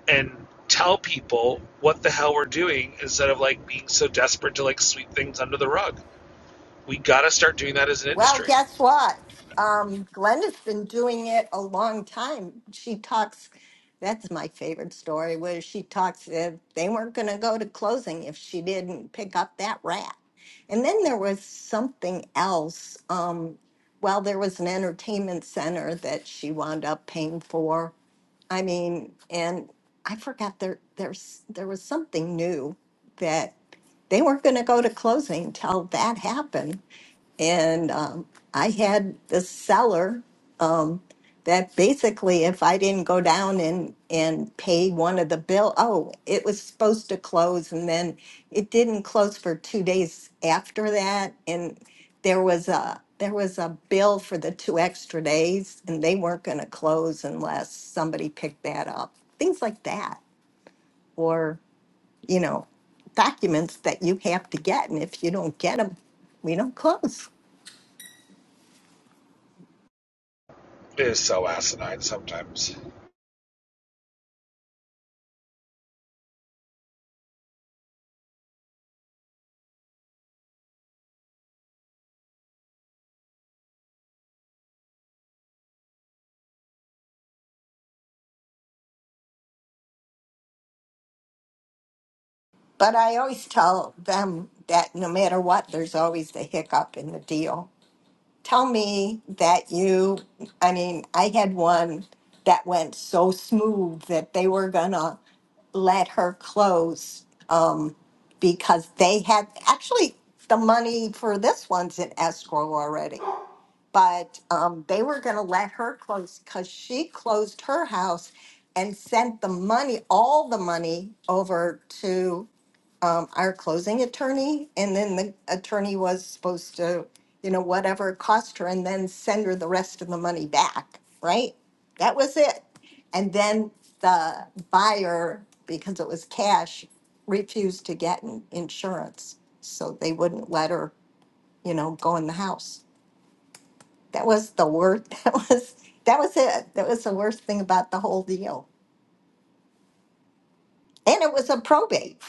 Speaker 9: and tell people what the hell we're doing instead of like being so desperate to like sweep things under the rug. We gotta start doing that as an
Speaker 5: Well,
Speaker 9: industry.
Speaker 5: guess what? Um, Glenda's been doing it a long time. She talks. That's my favorite story. Where she talks that they weren't going to go to closing if she didn't pick up that rat. And then there was something else. Um, well, there was an entertainment center that she wound up paying for. I mean, and I forgot there there's there was something new that they weren't going to go to closing till that happened. And um, I had this seller that basically, if I didn't go down and, and pay one of the bill, oh, it was supposed to close. And then it didn't close for two days after that. And there was a, there was a bill for the two extra days and they weren't going to close unless somebody picked that up. Things like that. Or, you know, documents that you have to get. And if you don't get them, we don't close.
Speaker 9: It is so asinine sometimes.
Speaker 5: But I always tell them that no matter what, there's always the hiccup in the deal. Tell me that you, I mean, I had one that went so smooth that they were going to let her close um, because they had actually the money for this one's in escrow already but um, they were going to let her close because she closed her house and sent the money, all the money, over to um, our closing attorney. And then the attorney was supposed to, you know, whatever it cost her, and then send her the rest of the money back, right? That was it. And then the buyer, because it was cash, refused to get in- insurance. So they wouldn't let her, you know, go in the house. That was the worst. [laughs] That was that was it. That was the worst thing about the whole deal. And it was a probate.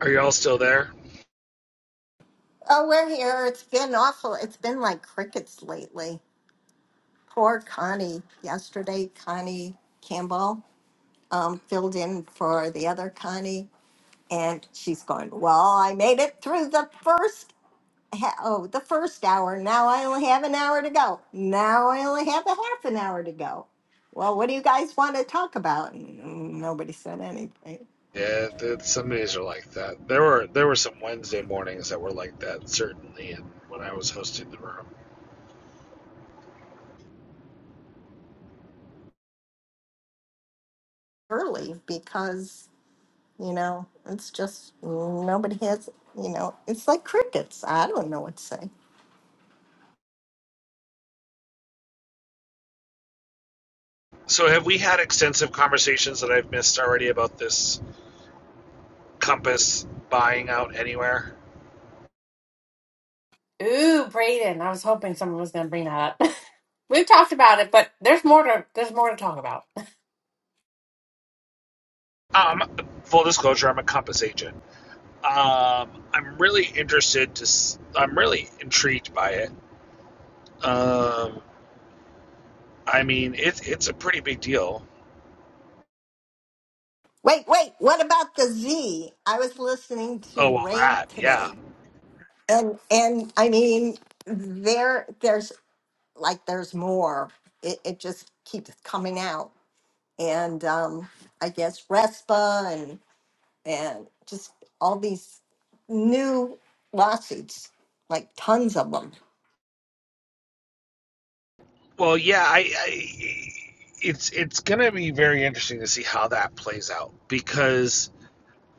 Speaker 9: Are you all still there?
Speaker 5: Oh, we're here. It's been awful. It's been like crickets lately. Poor Connie. Yesterday, Connie Campbell um, filled in for the other Connie, and she's going. Well, I made it through the first. Ha- oh, the first hour. Now I only have an hour to go. Now I only have a half an hour to go. Well, what do you guys want to talk about? And nobody said anything.
Speaker 9: Yeah, some days are like that. There were there were some Wednesday mornings that were like that certainly, and when I was hosting the room.
Speaker 5: early because you know it's just mm, nobody has you know it's like crickets i don't know what to say
Speaker 9: So have we had extensive conversations that I've missed already about this Compass buying out anywhere?
Speaker 8: Ooh, Brayden. I was hoping someone was going to bring that up. [laughs] We've talked about it, but there's more to there's more to talk about.
Speaker 9: Um, full disclosure, I'm a Compass agent. Um, I'm really interested to. i I'm really intrigued by it. Um, I mean, it, it's a pretty big deal.
Speaker 5: wait wait what about the z i was listening
Speaker 9: Oh
Speaker 5: to
Speaker 9: well,
Speaker 5: ray
Speaker 9: that yeah.
Speaker 5: today and and i mean there there's like there's more it, it just keeps coming out and um i guess respa and and just all these new lawsuits like tons of them
Speaker 9: Well, yeah. I, I it's it's going to be very interesting to see how that plays out because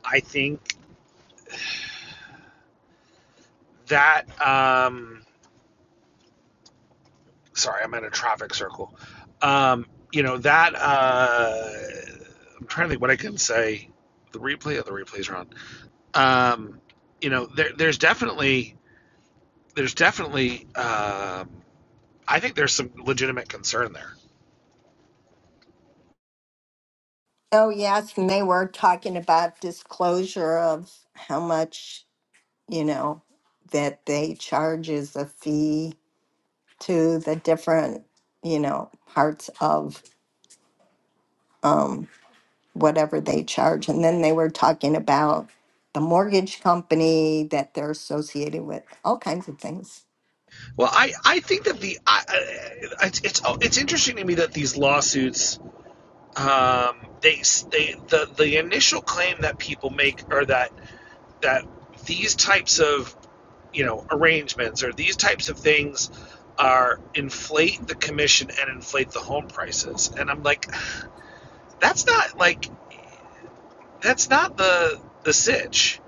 Speaker 9: I think that um, sorry, I'm in a traffic circle. Um, you know that. Uh, I'm trying to think what I can say. The replay of the replays are on. Um, you know, there, there's definitely, there's definitely. Um, I think there's some legitimate concern there.
Speaker 5: Oh, yes, and they were talking about disclosure of how much, you know, that they charge as a fee to the different, you know, parts of um, whatever they charge. And then they were talking about the mortgage company that they're associated with, all kinds of things.
Speaker 9: Well, I, I think that the I- it's, it's oh, it's interesting to me that these lawsuits um, they they the the initial claim that people make are that that these types of you know arrangements or these types of things are inflate the commission and inflate the home prices and i'm like that's not like that's not the the sitch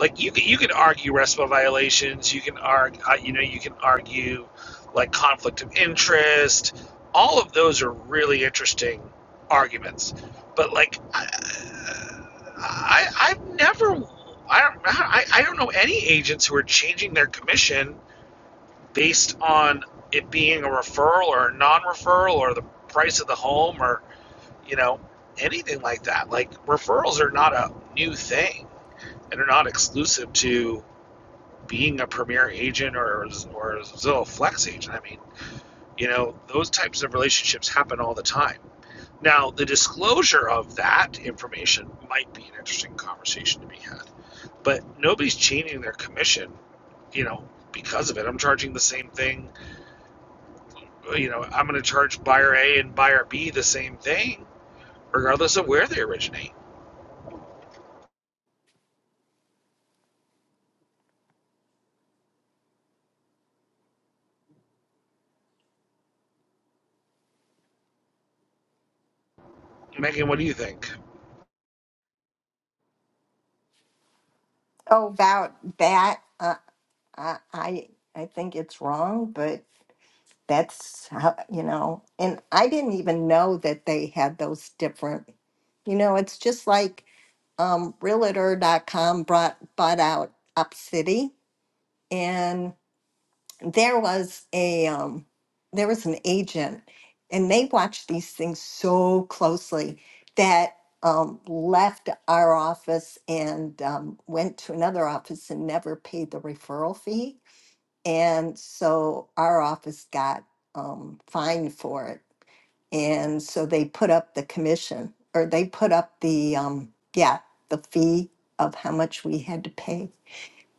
Speaker 9: like you you can argue RESPA violations you can argue you know you can argue like conflict of interest all of those are really interesting arguments but like I, I I've never I don't I, I don't know any agents who are changing their commission based on it being a referral or a non-referral or the price of the home or you know anything like that. Like referrals are not a new thing and they are not exclusive to being a premier agent or or a Zillow Flex agent. I mean, you know, those types of relationships happen all the time. Now, the disclosure of that information might be an interesting conversation to be had, but nobody's changing their commission, you know, because of it. I'm charging the same thing you know, I'm going to charge buyer A and buyer B the same thing, regardless of where they originate. Megan, what do you think?
Speaker 5: Oh, about that, uh, I, I I think it's wrong, but that's how you know and i didn't even know that they had those different you know it's just like um realtor dot com brought bought out upcity and there was a um there was an agent and they watched these things so closely that um, left our office and um, went to another office and never paid the referral fee and so our office got um, fined for it. And so they put up the commission or they put up the, um, yeah, the fee of how much we had to pay.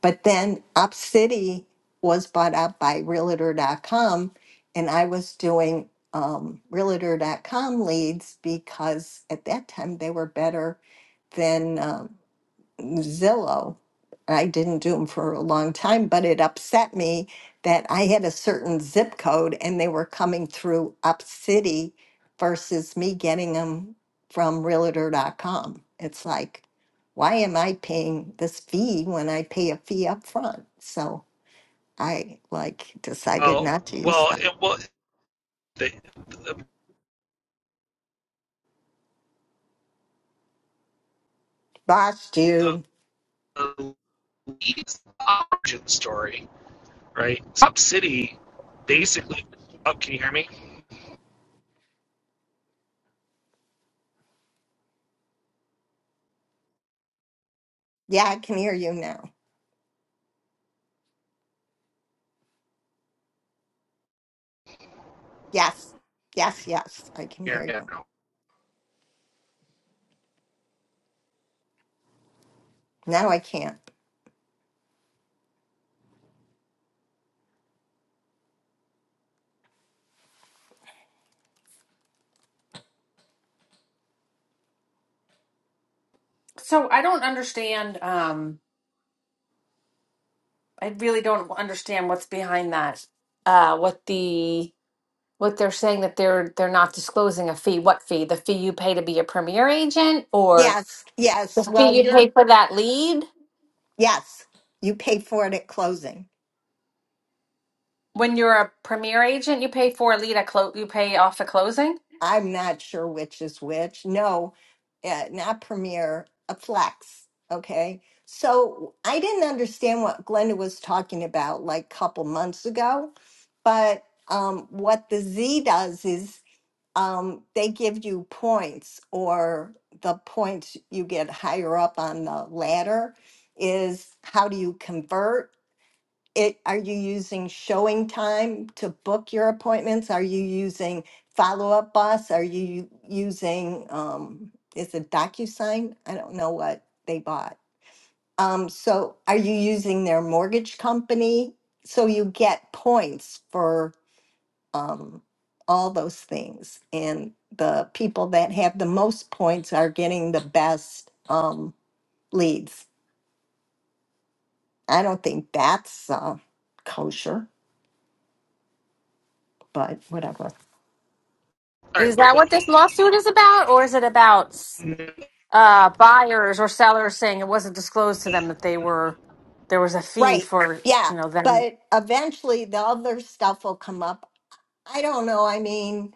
Speaker 5: But then Op City was bought out by Realtor.com and I was doing um, Realtor.com leads because at that time they were better than. uh, Zillow. I didn't do them for a long time, but it upset me that I had a certain zip code and they were coming through up city versus me getting them from realtor.com. It's like, why am I paying this fee when I pay a fee up front? So I like decided
Speaker 9: Oh,
Speaker 5: not to use
Speaker 9: well,
Speaker 5: them.
Speaker 9: it, well, the the,
Speaker 5: Lost
Speaker 9: the,
Speaker 5: you.
Speaker 9: the lead's origin story, right? Sub City basically. Oh, can you hear me?
Speaker 5: Yeah, I can hear you now. Yes, yes, yes, I can
Speaker 9: Yeah,
Speaker 5: hear
Speaker 9: yeah.
Speaker 5: you.
Speaker 9: no.
Speaker 5: Now I can't.
Speaker 8: So I don't understand. Um, I really don't understand what's behind that. Uh, what the what they're saying that they're they're not disclosing a fee. What fee? The fee you pay to be a premier agent, or
Speaker 5: Yes, yes.
Speaker 8: the
Speaker 5: Well,
Speaker 8: fee you
Speaker 5: you're
Speaker 8: pay for that lead?
Speaker 5: Yes, you pay for it at closing.
Speaker 8: When you're a premier agent, you pay for a lead. A clo- you pay off a closing.
Speaker 5: I'm not sure which is which. No, uh, not Premier, a Flex. Okay. So I didn't understand what Glenda was talking about like a couple months ago, but um, what the Z does is um, they give you points, or the points you get higher up on the ladder is how do you convert it, are you using showing time to book your appointments? Are you using follow-up boss? Are you using, um, is it DocuSign? I don't know what they bought. Um, so are you using their mortgage company? So you get points for, um, all those things. And the people that have the most points are getting the best, um, leads. I don't think that's, uh, kosher, but whatever.
Speaker 9: All right,
Speaker 8: Is
Speaker 9: but
Speaker 8: that
Speaker 9: well,
Speaker 8: what this lawsuit is about, or is it about
Speaker 9: can you hear
Speaker 8: uh, buyers or sellers saying it wasn't disclosed to them that they were there was a fee
Speaker 5: Right.
Speaker 8: for
Speaker 5: Yeah.
Speaker 8: you know them?
Speaker 5: But eventually the other stuff will come up. I don't know. I mean,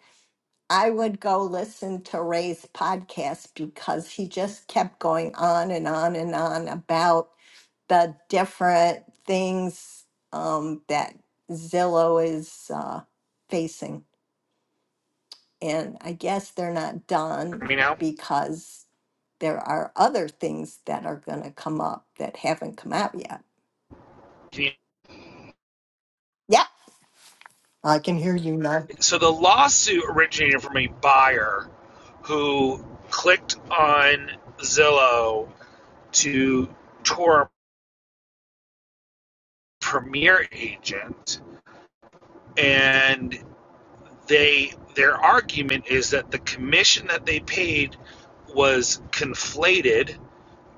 Speaker 5: I would go listen to Ray's podcast because he just kept going on and on and on about the different things um, that Zillow is uh, facing. And I guess they're not done
Speaker 9: me now?
Speaker 5: because there are other things that are going to come up that haven't come out yet.
Speaker 9: Can you-
Speaker 5: Yeah, I can hear you now.
Speaker 9: so the lawsuit originated from a buyer who clicked on Zillow to tour premier agent and they their argument is that the commission that they paid was conflated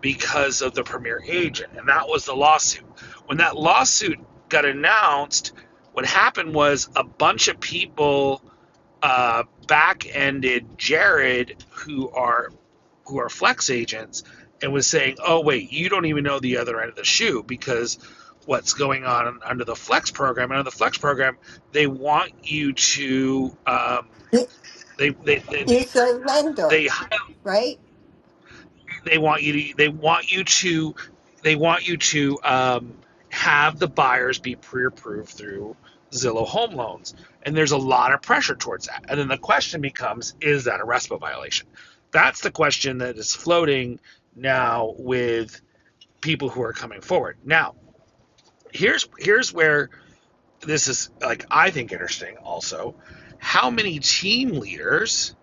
Speaker 9: because of the premier agent and that was the lawsuit when that lawsuit got announced what happened was a bunch of people uh, back-ended jared who are who are flex agents and was saying, "Oh wait, you don't even know the other end of the shoe because what's going on under the flex program and under the flex program they want you to um, they, they they
Speaker 5: you surrender,
Speaker 9: they
Speaker 5: right?
Speaker 9: they want you to they want you to they want you to um, have the buyers be pre-approved through Zillow Home Loans, and there's a lot of pressure towards that. And then the question becomes, is that a RESPA violation? That's the question that is floating now with people who are coming forward. Now, here's here's where this is like I think interesting also. How many team leaders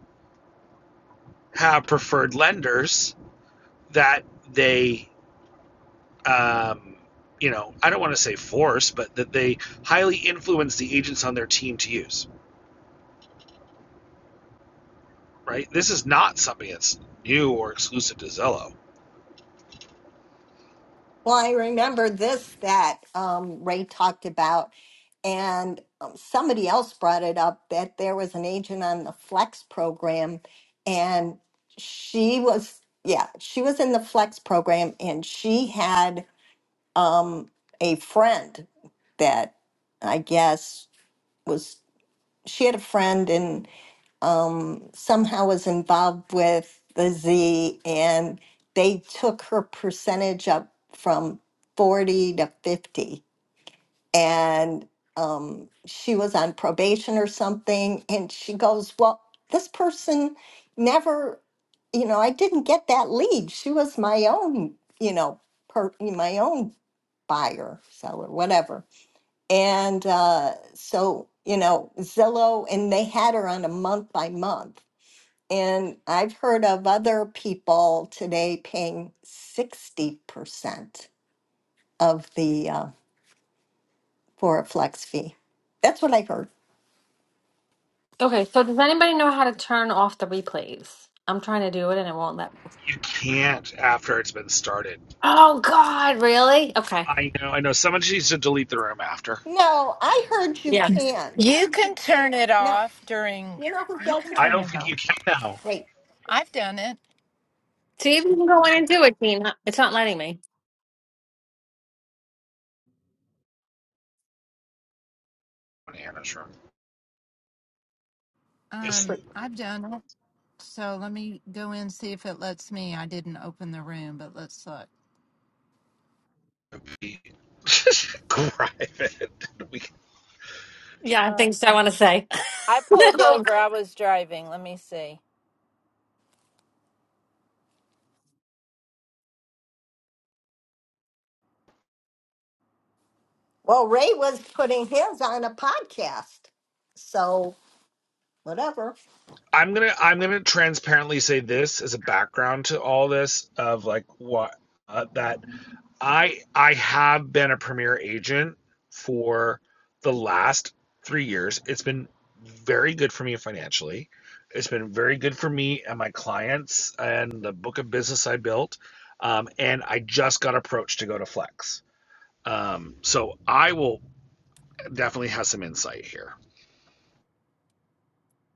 Speaker 9: have preferred lenders that they um, you know, I don't want to say force, but that they highly influence the agents on their team to use, right? This is not something that's new or exclusive to Zillow.
Speaker 5: Well, I remember this that um, Ray talked about, and um, somebody else brought it up that there was an agent on the Flex program, and she was, yeah, she was in the Flex program, and she had um, a friend that I guess was, she had a friend um, somehow was involved with the Z, and they took her percentage up from 40 to 50. And um, she was on probation or something. And she goes, Well, this person never, you know, I didn't get that lead. She was my own, you know, per, my own buyer, seller, whatever. And uh, so, you know, Zillow, and they had her on a month by month and I've heard of other people today paying 60% of the uh, for a flex fee. That's what I heard.
Speaker 8: Okay, so does anybody know how to turn off the replays? I'm trying to do it and it won't let me.
Speaker 9: You can't after it's been started.
Speaker 8: Oh God, really? Okay.
Speaker 9: I know, I know. Someone needs to delete the room after.
Speaker 5: No, I heard you
Speaker 8: Yeah,
Speaker 5: can.
Speaker 10: You can turn it
Speaker 5: No,
Speaker 10: off during.
Speaker 5: you know who
Speaker 10: You
Speaker 5: does
Speaker 10: can
Speaker 5: it?
Speaker 9: I
Speaker 10: turn
Speaker 9: don't
Speaker 10: it
Speaker 9: think
Speaker 10: off.
Speaker 9: you can now.
Speaker 5: Wait.
Speaker 10: I've done it.
Speaker 8: See if you can go in and do it, Dean. huh? It's not letting me.
Speaker 9: Anna's room. It's
Speaker 10: Um, I've done it. So let me go in see if it lets me. I didn't open the room, but let's look.
Speaker 9: be [laughs] private. We,
Speaker 8: Yeah,
Speaker 10: Um,
Speaker 8: things I want to say.
Speaker 10: I pulled
Speaker 8: [laughs]
Speaker 10: over. I was driving. Let me see.
Speaker 5: Well, Ray was putting his on a podcast. So, whatever.
Speaker 9: I'm gonna I'm gonna transparently say this as a background to all this of like what uh, that I I have been a premier agent for the last three years. It's been very good for me financially. It's been very good for me and my clients and the book of business I built. Um, and I just got approached to go to Flex. Um, so I will definitely have some insight here.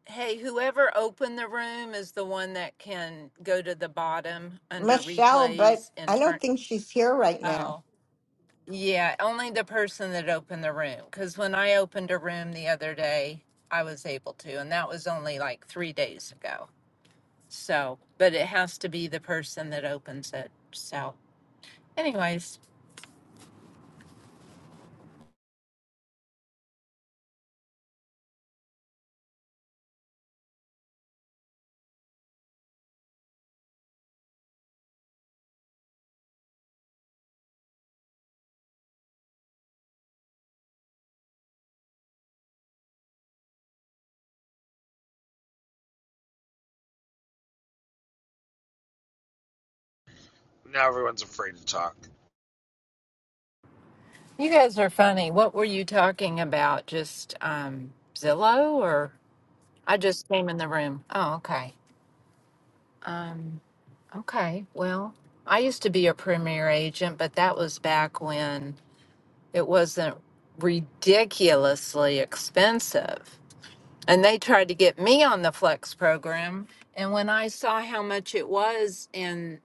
Speaker 10: Hey, whoever opened the room is the one that can go to the bottom under
Speaker 5: Michelle, but
Speaker 10: replays
Speaker 5: I
Speaker 10: and turn.
Speaker 5: don't think she's here right now.
Speaker 10: Oh, yeah, only the person that opened the room. Because when I opened a room the other day, I was able to, and that was only like three days ago. So, but it has to be the person that opens it. So, anyways,
Speaker 9: Now everyone's afraid to talk.
Speaker 10: you guys are funny. What were you talking about? Just um, Zillow, or I just came in the room. Oh, okay. Um, okay. Well, I used to be a premier agent, but that was back when it wasn't ridiculously expensive. and they tried to get me on the flex program and when i saw how much it was and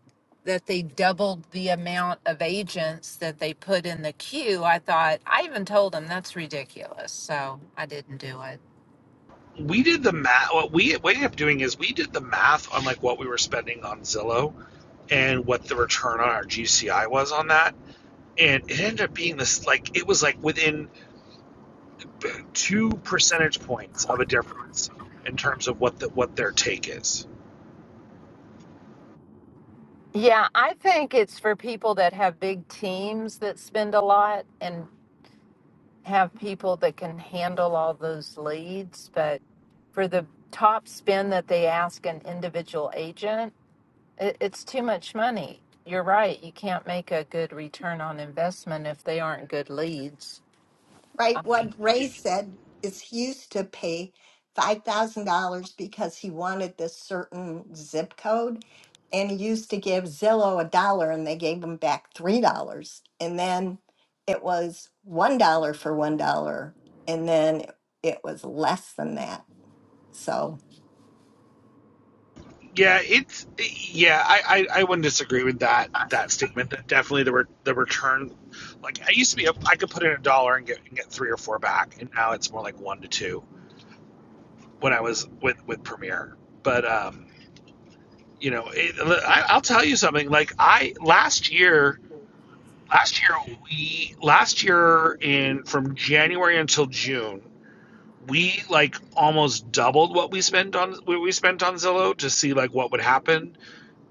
Speaker 10: that they doubled the amount of agents that they put in the queue i thought i even told them that's ridiculous so i didn't do it
Speaker 9: We did the math. What we ended up doing is we did the math on like what we were spending on Zillow and what the return on our GCI was on that, and it ended up being this like it was like within two percentage points of a difference in terms of what the what their take is.
Speaker 10: yeah i think it's for people that have big teams that spend a lot and have people that can handle all those leads but for the top spend that they ask an individual agent It, it's too much money. You're right. You can't make a good return on investment if they aren't good leads.
Speaker 5: Right. What Ray said is he used to pay $5,000 because he wanted this certain zip code. And he used to give Zillow a dollar and they gave him back $3. And then it was $1 for $1. And then it was less than that. So
Speaker 9: Yeah, it's yeah. I, I, I wouldn't disagree with that that statement. That definitely the re, the return, like I used to be, a, I could put in a dollar and get and get three or four back, and now it's more like one to two when I was with with Premiere. But um, you know, it, I, I'll tell you something. Like I last year, last year we last year in from January until June, we like almost doubled what we spent on what we spent on Zillow to see like what would happen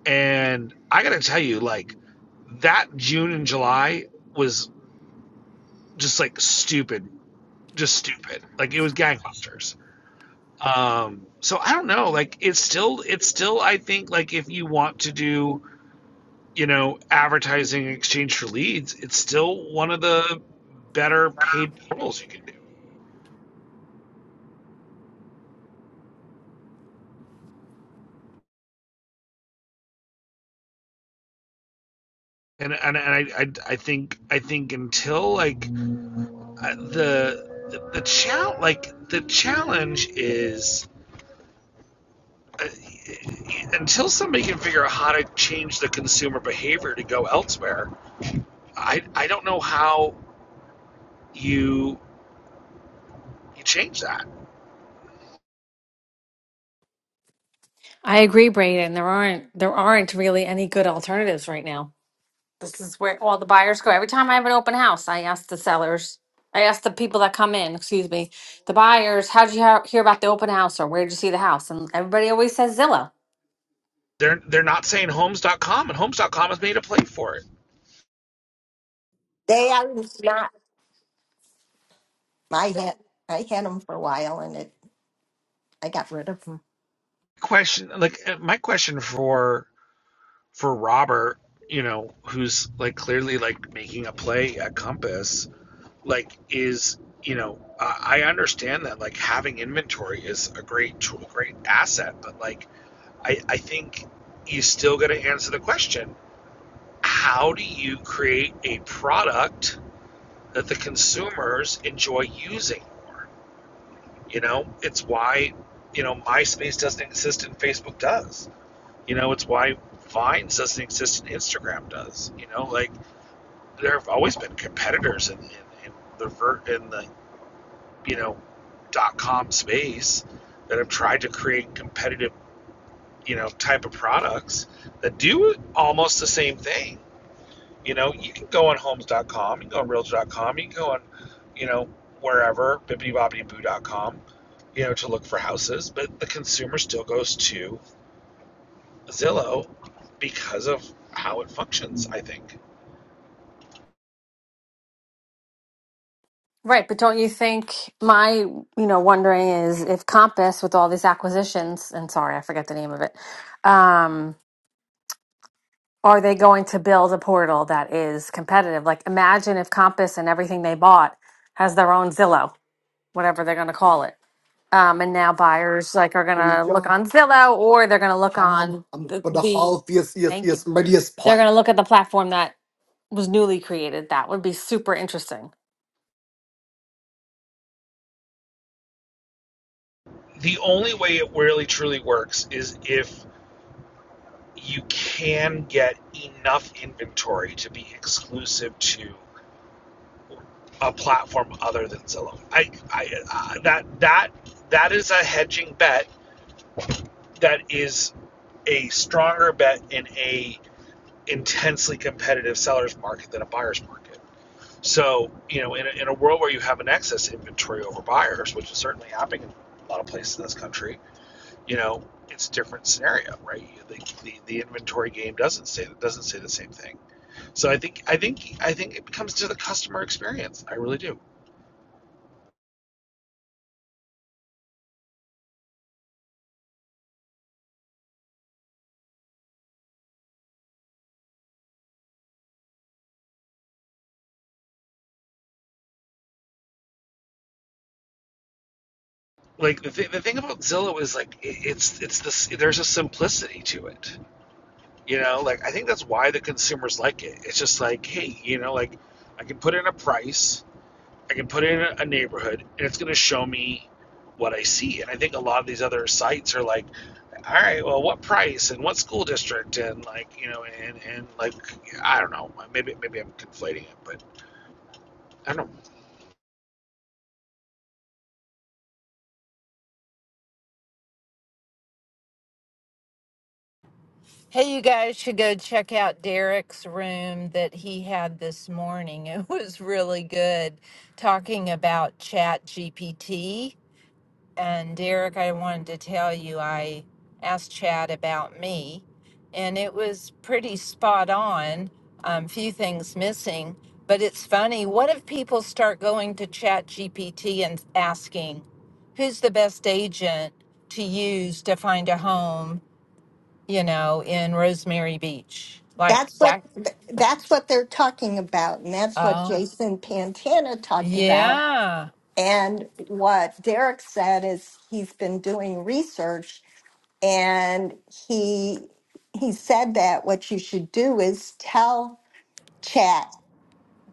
Speaker 9: And I gotta tell you, like that June and July was just like stupid, just stupid. Like it was gangbusters. Um, so I don't know. Like it's still, it's still. I think like if you want to do, you know, advertising in exchange for leads, it's still one of the better paid portals you can do. And and, and I, I I think I think until like uh, the the, the challenge like the challenge is uh, until somebody can figure out how to change the consumer behavior to go elsewhere, I, I don't know how you you change that.
Speaker 8: I agree, Brayden. There aren't there aren't really any good alternatives right now. This is where all the buyers go. Every time I have an open house, I ask the sellers, I ask the people that come in, excuse me, the buyers, how'd you hea- hear about the open house or where'd you see the house? And everybody always says Zillow.
Speaker 9: They're they're not saying Homes dot com and Homes dot com has made a play for it.
Speaker 5: they are not, I had, I had them for a while and it, I got rid of them.
Speaker 9: Question like uh, my question for for Robert, you know, who's like clearly like making a play at Compass, like is you know, I I understand that like having inventory is a great tool, great asset, but like I, I think you still got to answer the question how do you create a product that the consumers enjoy using more? You know, it's why, you know, MySpace doesn't exist and Facebook does. You know, it's why Vines doesn't exist and Instagram does. You know, like there have always been competitors in, in, in the in the you know dot com space that have tried to create competitive you know type of products that do almost the same thing You know, you can go on Homes. dot com, you can go on Realtor. dot com, you can go on, you know, wherever, bibbidi bobbidi Boo. dot com, you know, to look for houses. But the consumer still goes to Zillow because of how it functions, I think.
Speaker 8: Right, but don't you think my, you know, wondering is if Compass with all these acquisitions, and sorry, I forget the name of it, um, are they going to build a portal that is competitive? Like imagine if Compass and everything they bought has their own Zillow, whatever they're going to call it. Um, and now buyers like are gonna look on Zillow or they're gonna look on um, the, for the the healthiest, yes, thank you. yes, readiest They're part. gonna look at the platform that was newly created. That would be super interesting.
Speaker 9: The only way it really truly works is if you can get enough inventory to be exclusive to a platform other than Zillow. I, I, I that that that is a hedging bet that is a stronger bet in a intensely competitive seller's market than a buyer's market. So, you know, in a, in a world where you have an excess inventory over buyers, which is certainly happening in a lot of places in this country, you know, it's a different scenario, right? The, the, the inventory game doesn't say doesn't say the same thing. So I think I think I think it comes to the customer experience. I really do. Like the, th- the thing about Zillow is like it, it's it's this there's a simplicity to it You know, like I think that's why the consumers like it. It's just like, hey, you know, like I can put in a price, I can put in a neighborhood, and it's going to show me what I see. And I think a lot of these other sites are like, all right, well, what price and what school district and like, you know, and and like I don't know, maybe maybe I'm conflating it, but I don't. know.
Speaker 10: Hey, you guys should go check out Derek's room that he had this morning. [laughs] It was really good talking about Chat GPT. And Derek, I wanted to tell you, I asked Chad about me, and it was pretty spot on. Um, few things missing, but it's funny. What if people start going to Chat GPT and asking, who's the best agent to use to find a home, you know, in Rosemary Beach? Like,
Speaker 5: That's what,
Speaker 10: that?
Speaker 5: th- that's what they're talking about. And that's what
Speaker 10: oh,
Speaker 5: Jason Pantana talked about
Speaker 10: yeah.
Speaker 5: And what Derek said is he's been doing research and he he said that what you should do is tell chat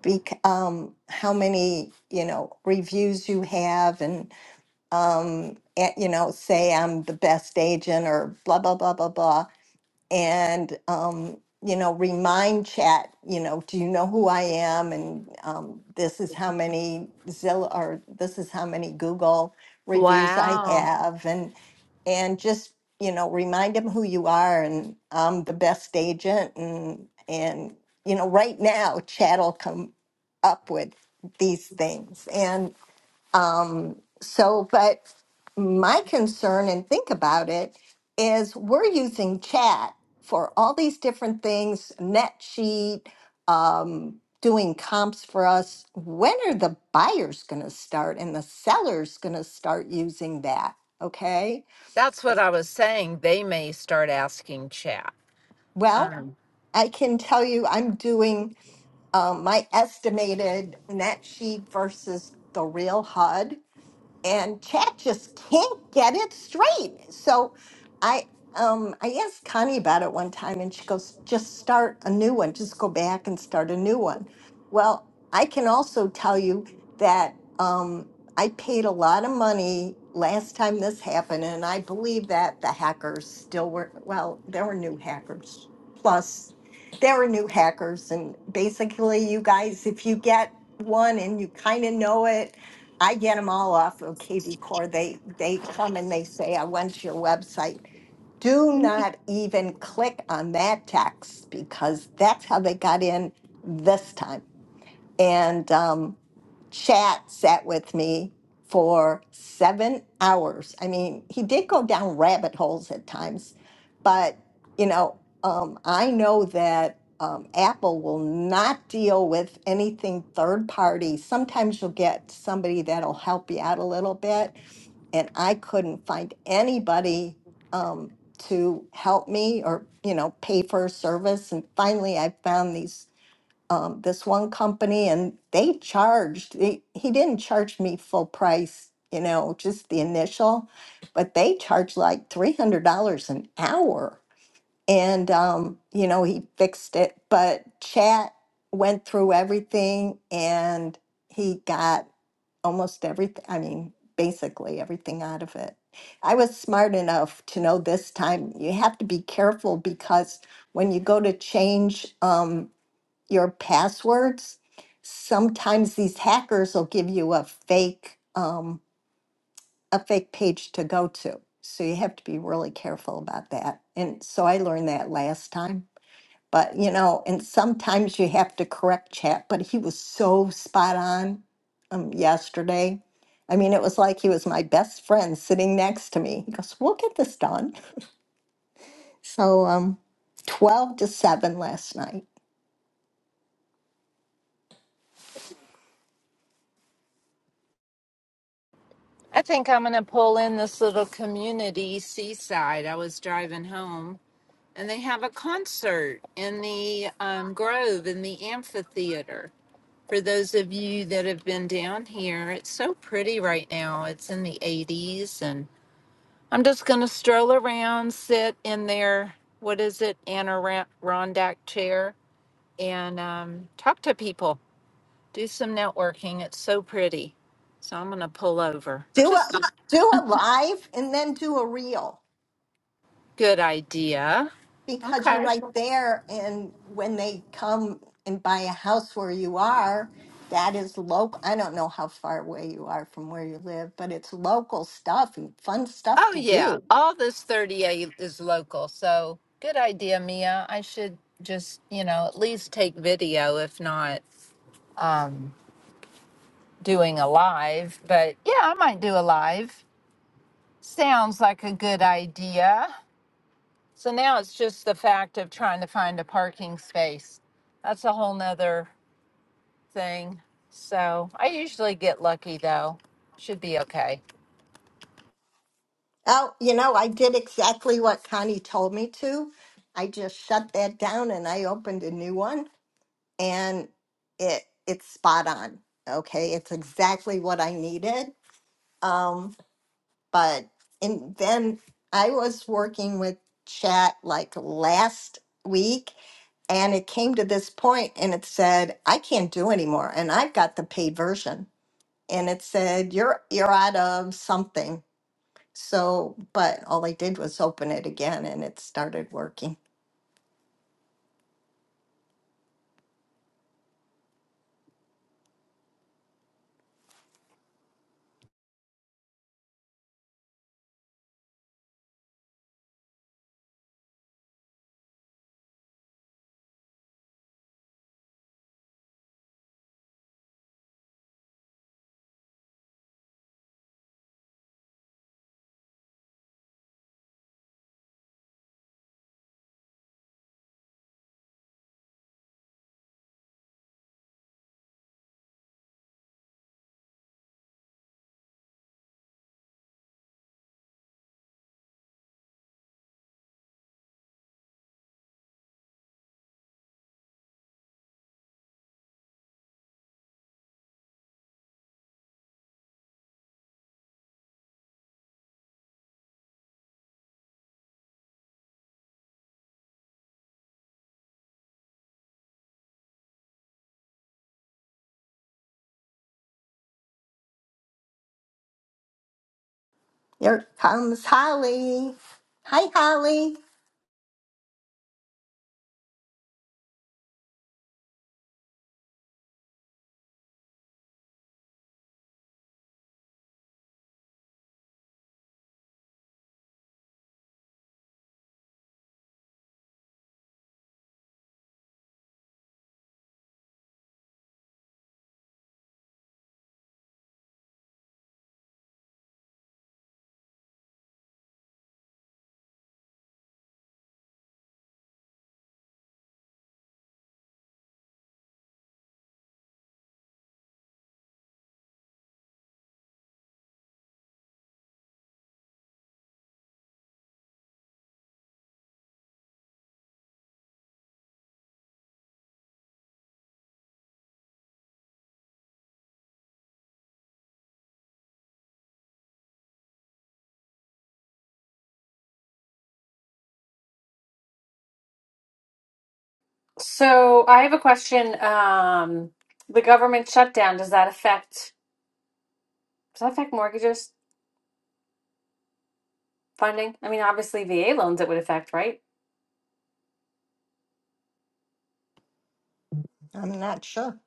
Speaker 5: bec- um, how many you know reviews you have and um, eh, you know say I'm the best agent or blah blah blah blah blah and um, you know remind chat you know do you know who i am and um, this is how many zillow or this is how many google reviews i
Speaker 10: Wow.
Speaker 5: have and and just you know remind them who you are and i'm the best agent and and you know right now chat will come up with these things um, so, but my concern and think about it is we're using chat for all these different things, net sheet, um, doing comps for us. When are the buyers going to start and the sellers going to start using that? Okay.
Speaker 10: That's what I was saying. They may start asking Chat.
Speaker 5: Well,
Speaker 10: Um,
Speaker 5: I can tell you I'm doing um, my estimated net sheet versus the real HUD and chat just can't get it straight. So I um I asked Connie about it one time and she goes, just start a new one, just go back and start a new one. Well, I can also tell you that um I paid a lot of money last time this happened, and I believe that the hackers still were well, there were new hackers. Plus there were new hackers and basically you guys if you get one and you kind of know it I get them all off of KV Core. They they come and they say, "I went to your website." Do not even click on that text because that's how they got in this time. And um, Chat sat with me for seven hours. I mean, he did go down rabbit holes at times, but you know, um, I know that um, Apple will not deal with anything third party. Sometimes you'll get somebody that'll help you out a little bit, and I couldn't find anybody um, to help me or you know pay for a service. And finally, I found these um, this one company and they charged they, he didn't charge me full price you know just the initial but they charged like $300 an hour and um, you know he fixed it but chat went through everything and he got almost everything i mean basically everything out of it i was smart enough to know this time you have to be careful because when you go to change um, your passwords, sometimes these hackers will give you a fake um, a fake page to go to. So you have to be really careful about that. And so I learned that last time. But you know, and sometimes you have to correct chat. But he was so spot on um, yesterday. I mean, it was like he was my best friend sitting next to me. He goes, "We'll get this done." So, um, twelve to seven last night.
Speaker 10: I think I'm going to pull in this little community, Seaside. I was driving home and they have a concert in the um, Grove in the amphitheater. For those of you that have been down here, it's so pretty right now. It's in the 80s and I'm just going to stroll around, sit in their, what is it, Adirondack chair and um, talk to people, do some networking. It's so pretty. So I'm going to pull over.
Speaker 5: do a
Speaker 10: Just a
Speaker 5: do a live and then do a reel
Speaker 10: good idea.
Speaker 5: because you're
Speaker 10: Okay.
Speaker 5: right there and when they come and buy a house where you are that is local i don't know how far away you are from where you live but it's local stuff and fun stuff
Speaker 10: Oh,
Speaker 5: to
Speaker 10: yeah.
Speaker 5: do
Speaker 10: All this 38 is local. So good idea, Mia. I should just, you know, at least take video, if not um, doing a live. But yeah, I might do a live. Sounds like a good idea. So now it's just the fact of trying to find a parking space. That's a whole nother thing. So I usually get lucky, though. Should be okay.
Speaker 5: oh you know i did exactly what connie told me to i just shut that down and i opened a new one and it it's spot on okay it's exactly what i needed Um. but and then I was working with chat like last week and it came to this point and it said I can't do anymore and I've got the paid version and it said you're you're out of something so but all I did was open it again and it started working here comes Holly hi Holly
Speaker 8: So I have a question. Um, the government shutdown, does that affect, does that affect mortgages funding? I mean, obviously VA loans it would affect, right?
Speaker 5: I'm not sure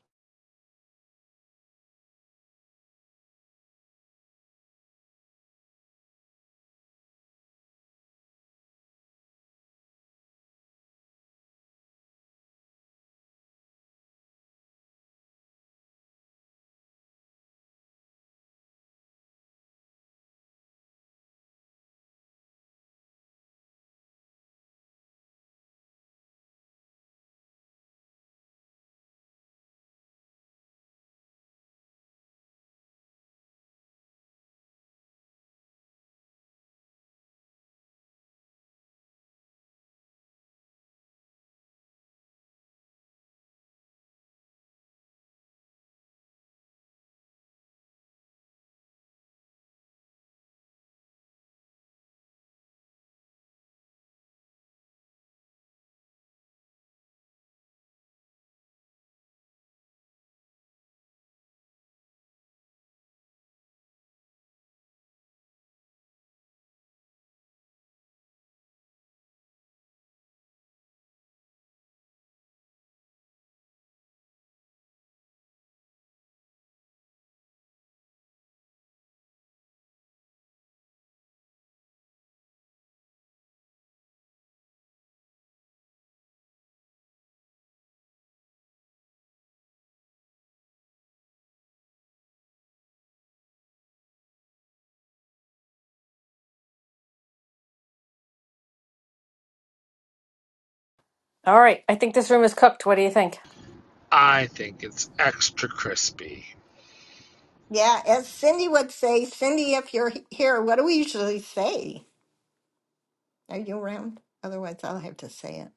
Speaker 8: All right, I think this room is cooked. What do you think?
Speaker 9: I think it's extra crispy.
Speaker 5: yeah as Cindy would say Cindy if you're he- here what do we usually say Are you around? Otherwise, I'll have to say it.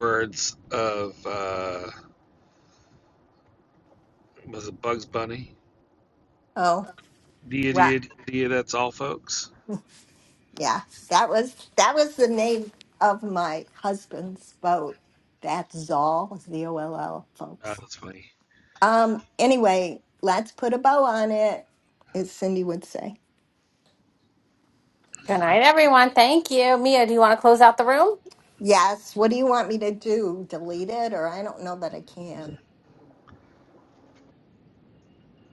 Speaker 9: Words of uh, was it Bugs Bunny?
Speaker 5: Oh,
Speaker 9: Dia
Speaker 5: right.
Speaker 9: dia dia. That's all, folks.
Speaker 5: Yeah, that was that was the name of my husband's boat. That's Zoll, Z O L L,
Speaker 9: Ah,
Speaker 5: folks.
Speaker 9: that's funny.
Speaker 5: Um. Anyway, let's put a bow on it, as Cindy would say.
Speaker 8: Good night, everyone. Thank you. Mia, do you want to close out the room?
Speaker 5: Yes. What do you want me to do? Delete it, or I don't know that I can.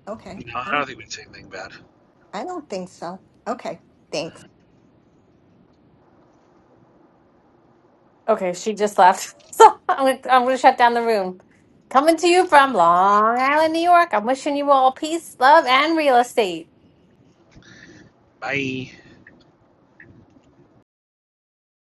Speaker 5: Okay.
Speaker 9: No, I
Speaker 5: I
Speaker 9: don't
Speaker 5: don't.
Speaker 9: think we've seen anything bad.
Speaker 5: I don't think so. Okay. Thanks.
Speaker 8: Okay, she just left. [laughs] So I'm gonna, I'm gonna shut down the room. Coming to you from Long Island, New York. I'm wishing you all peace, love, and real estate.
Speaker 9: Bye.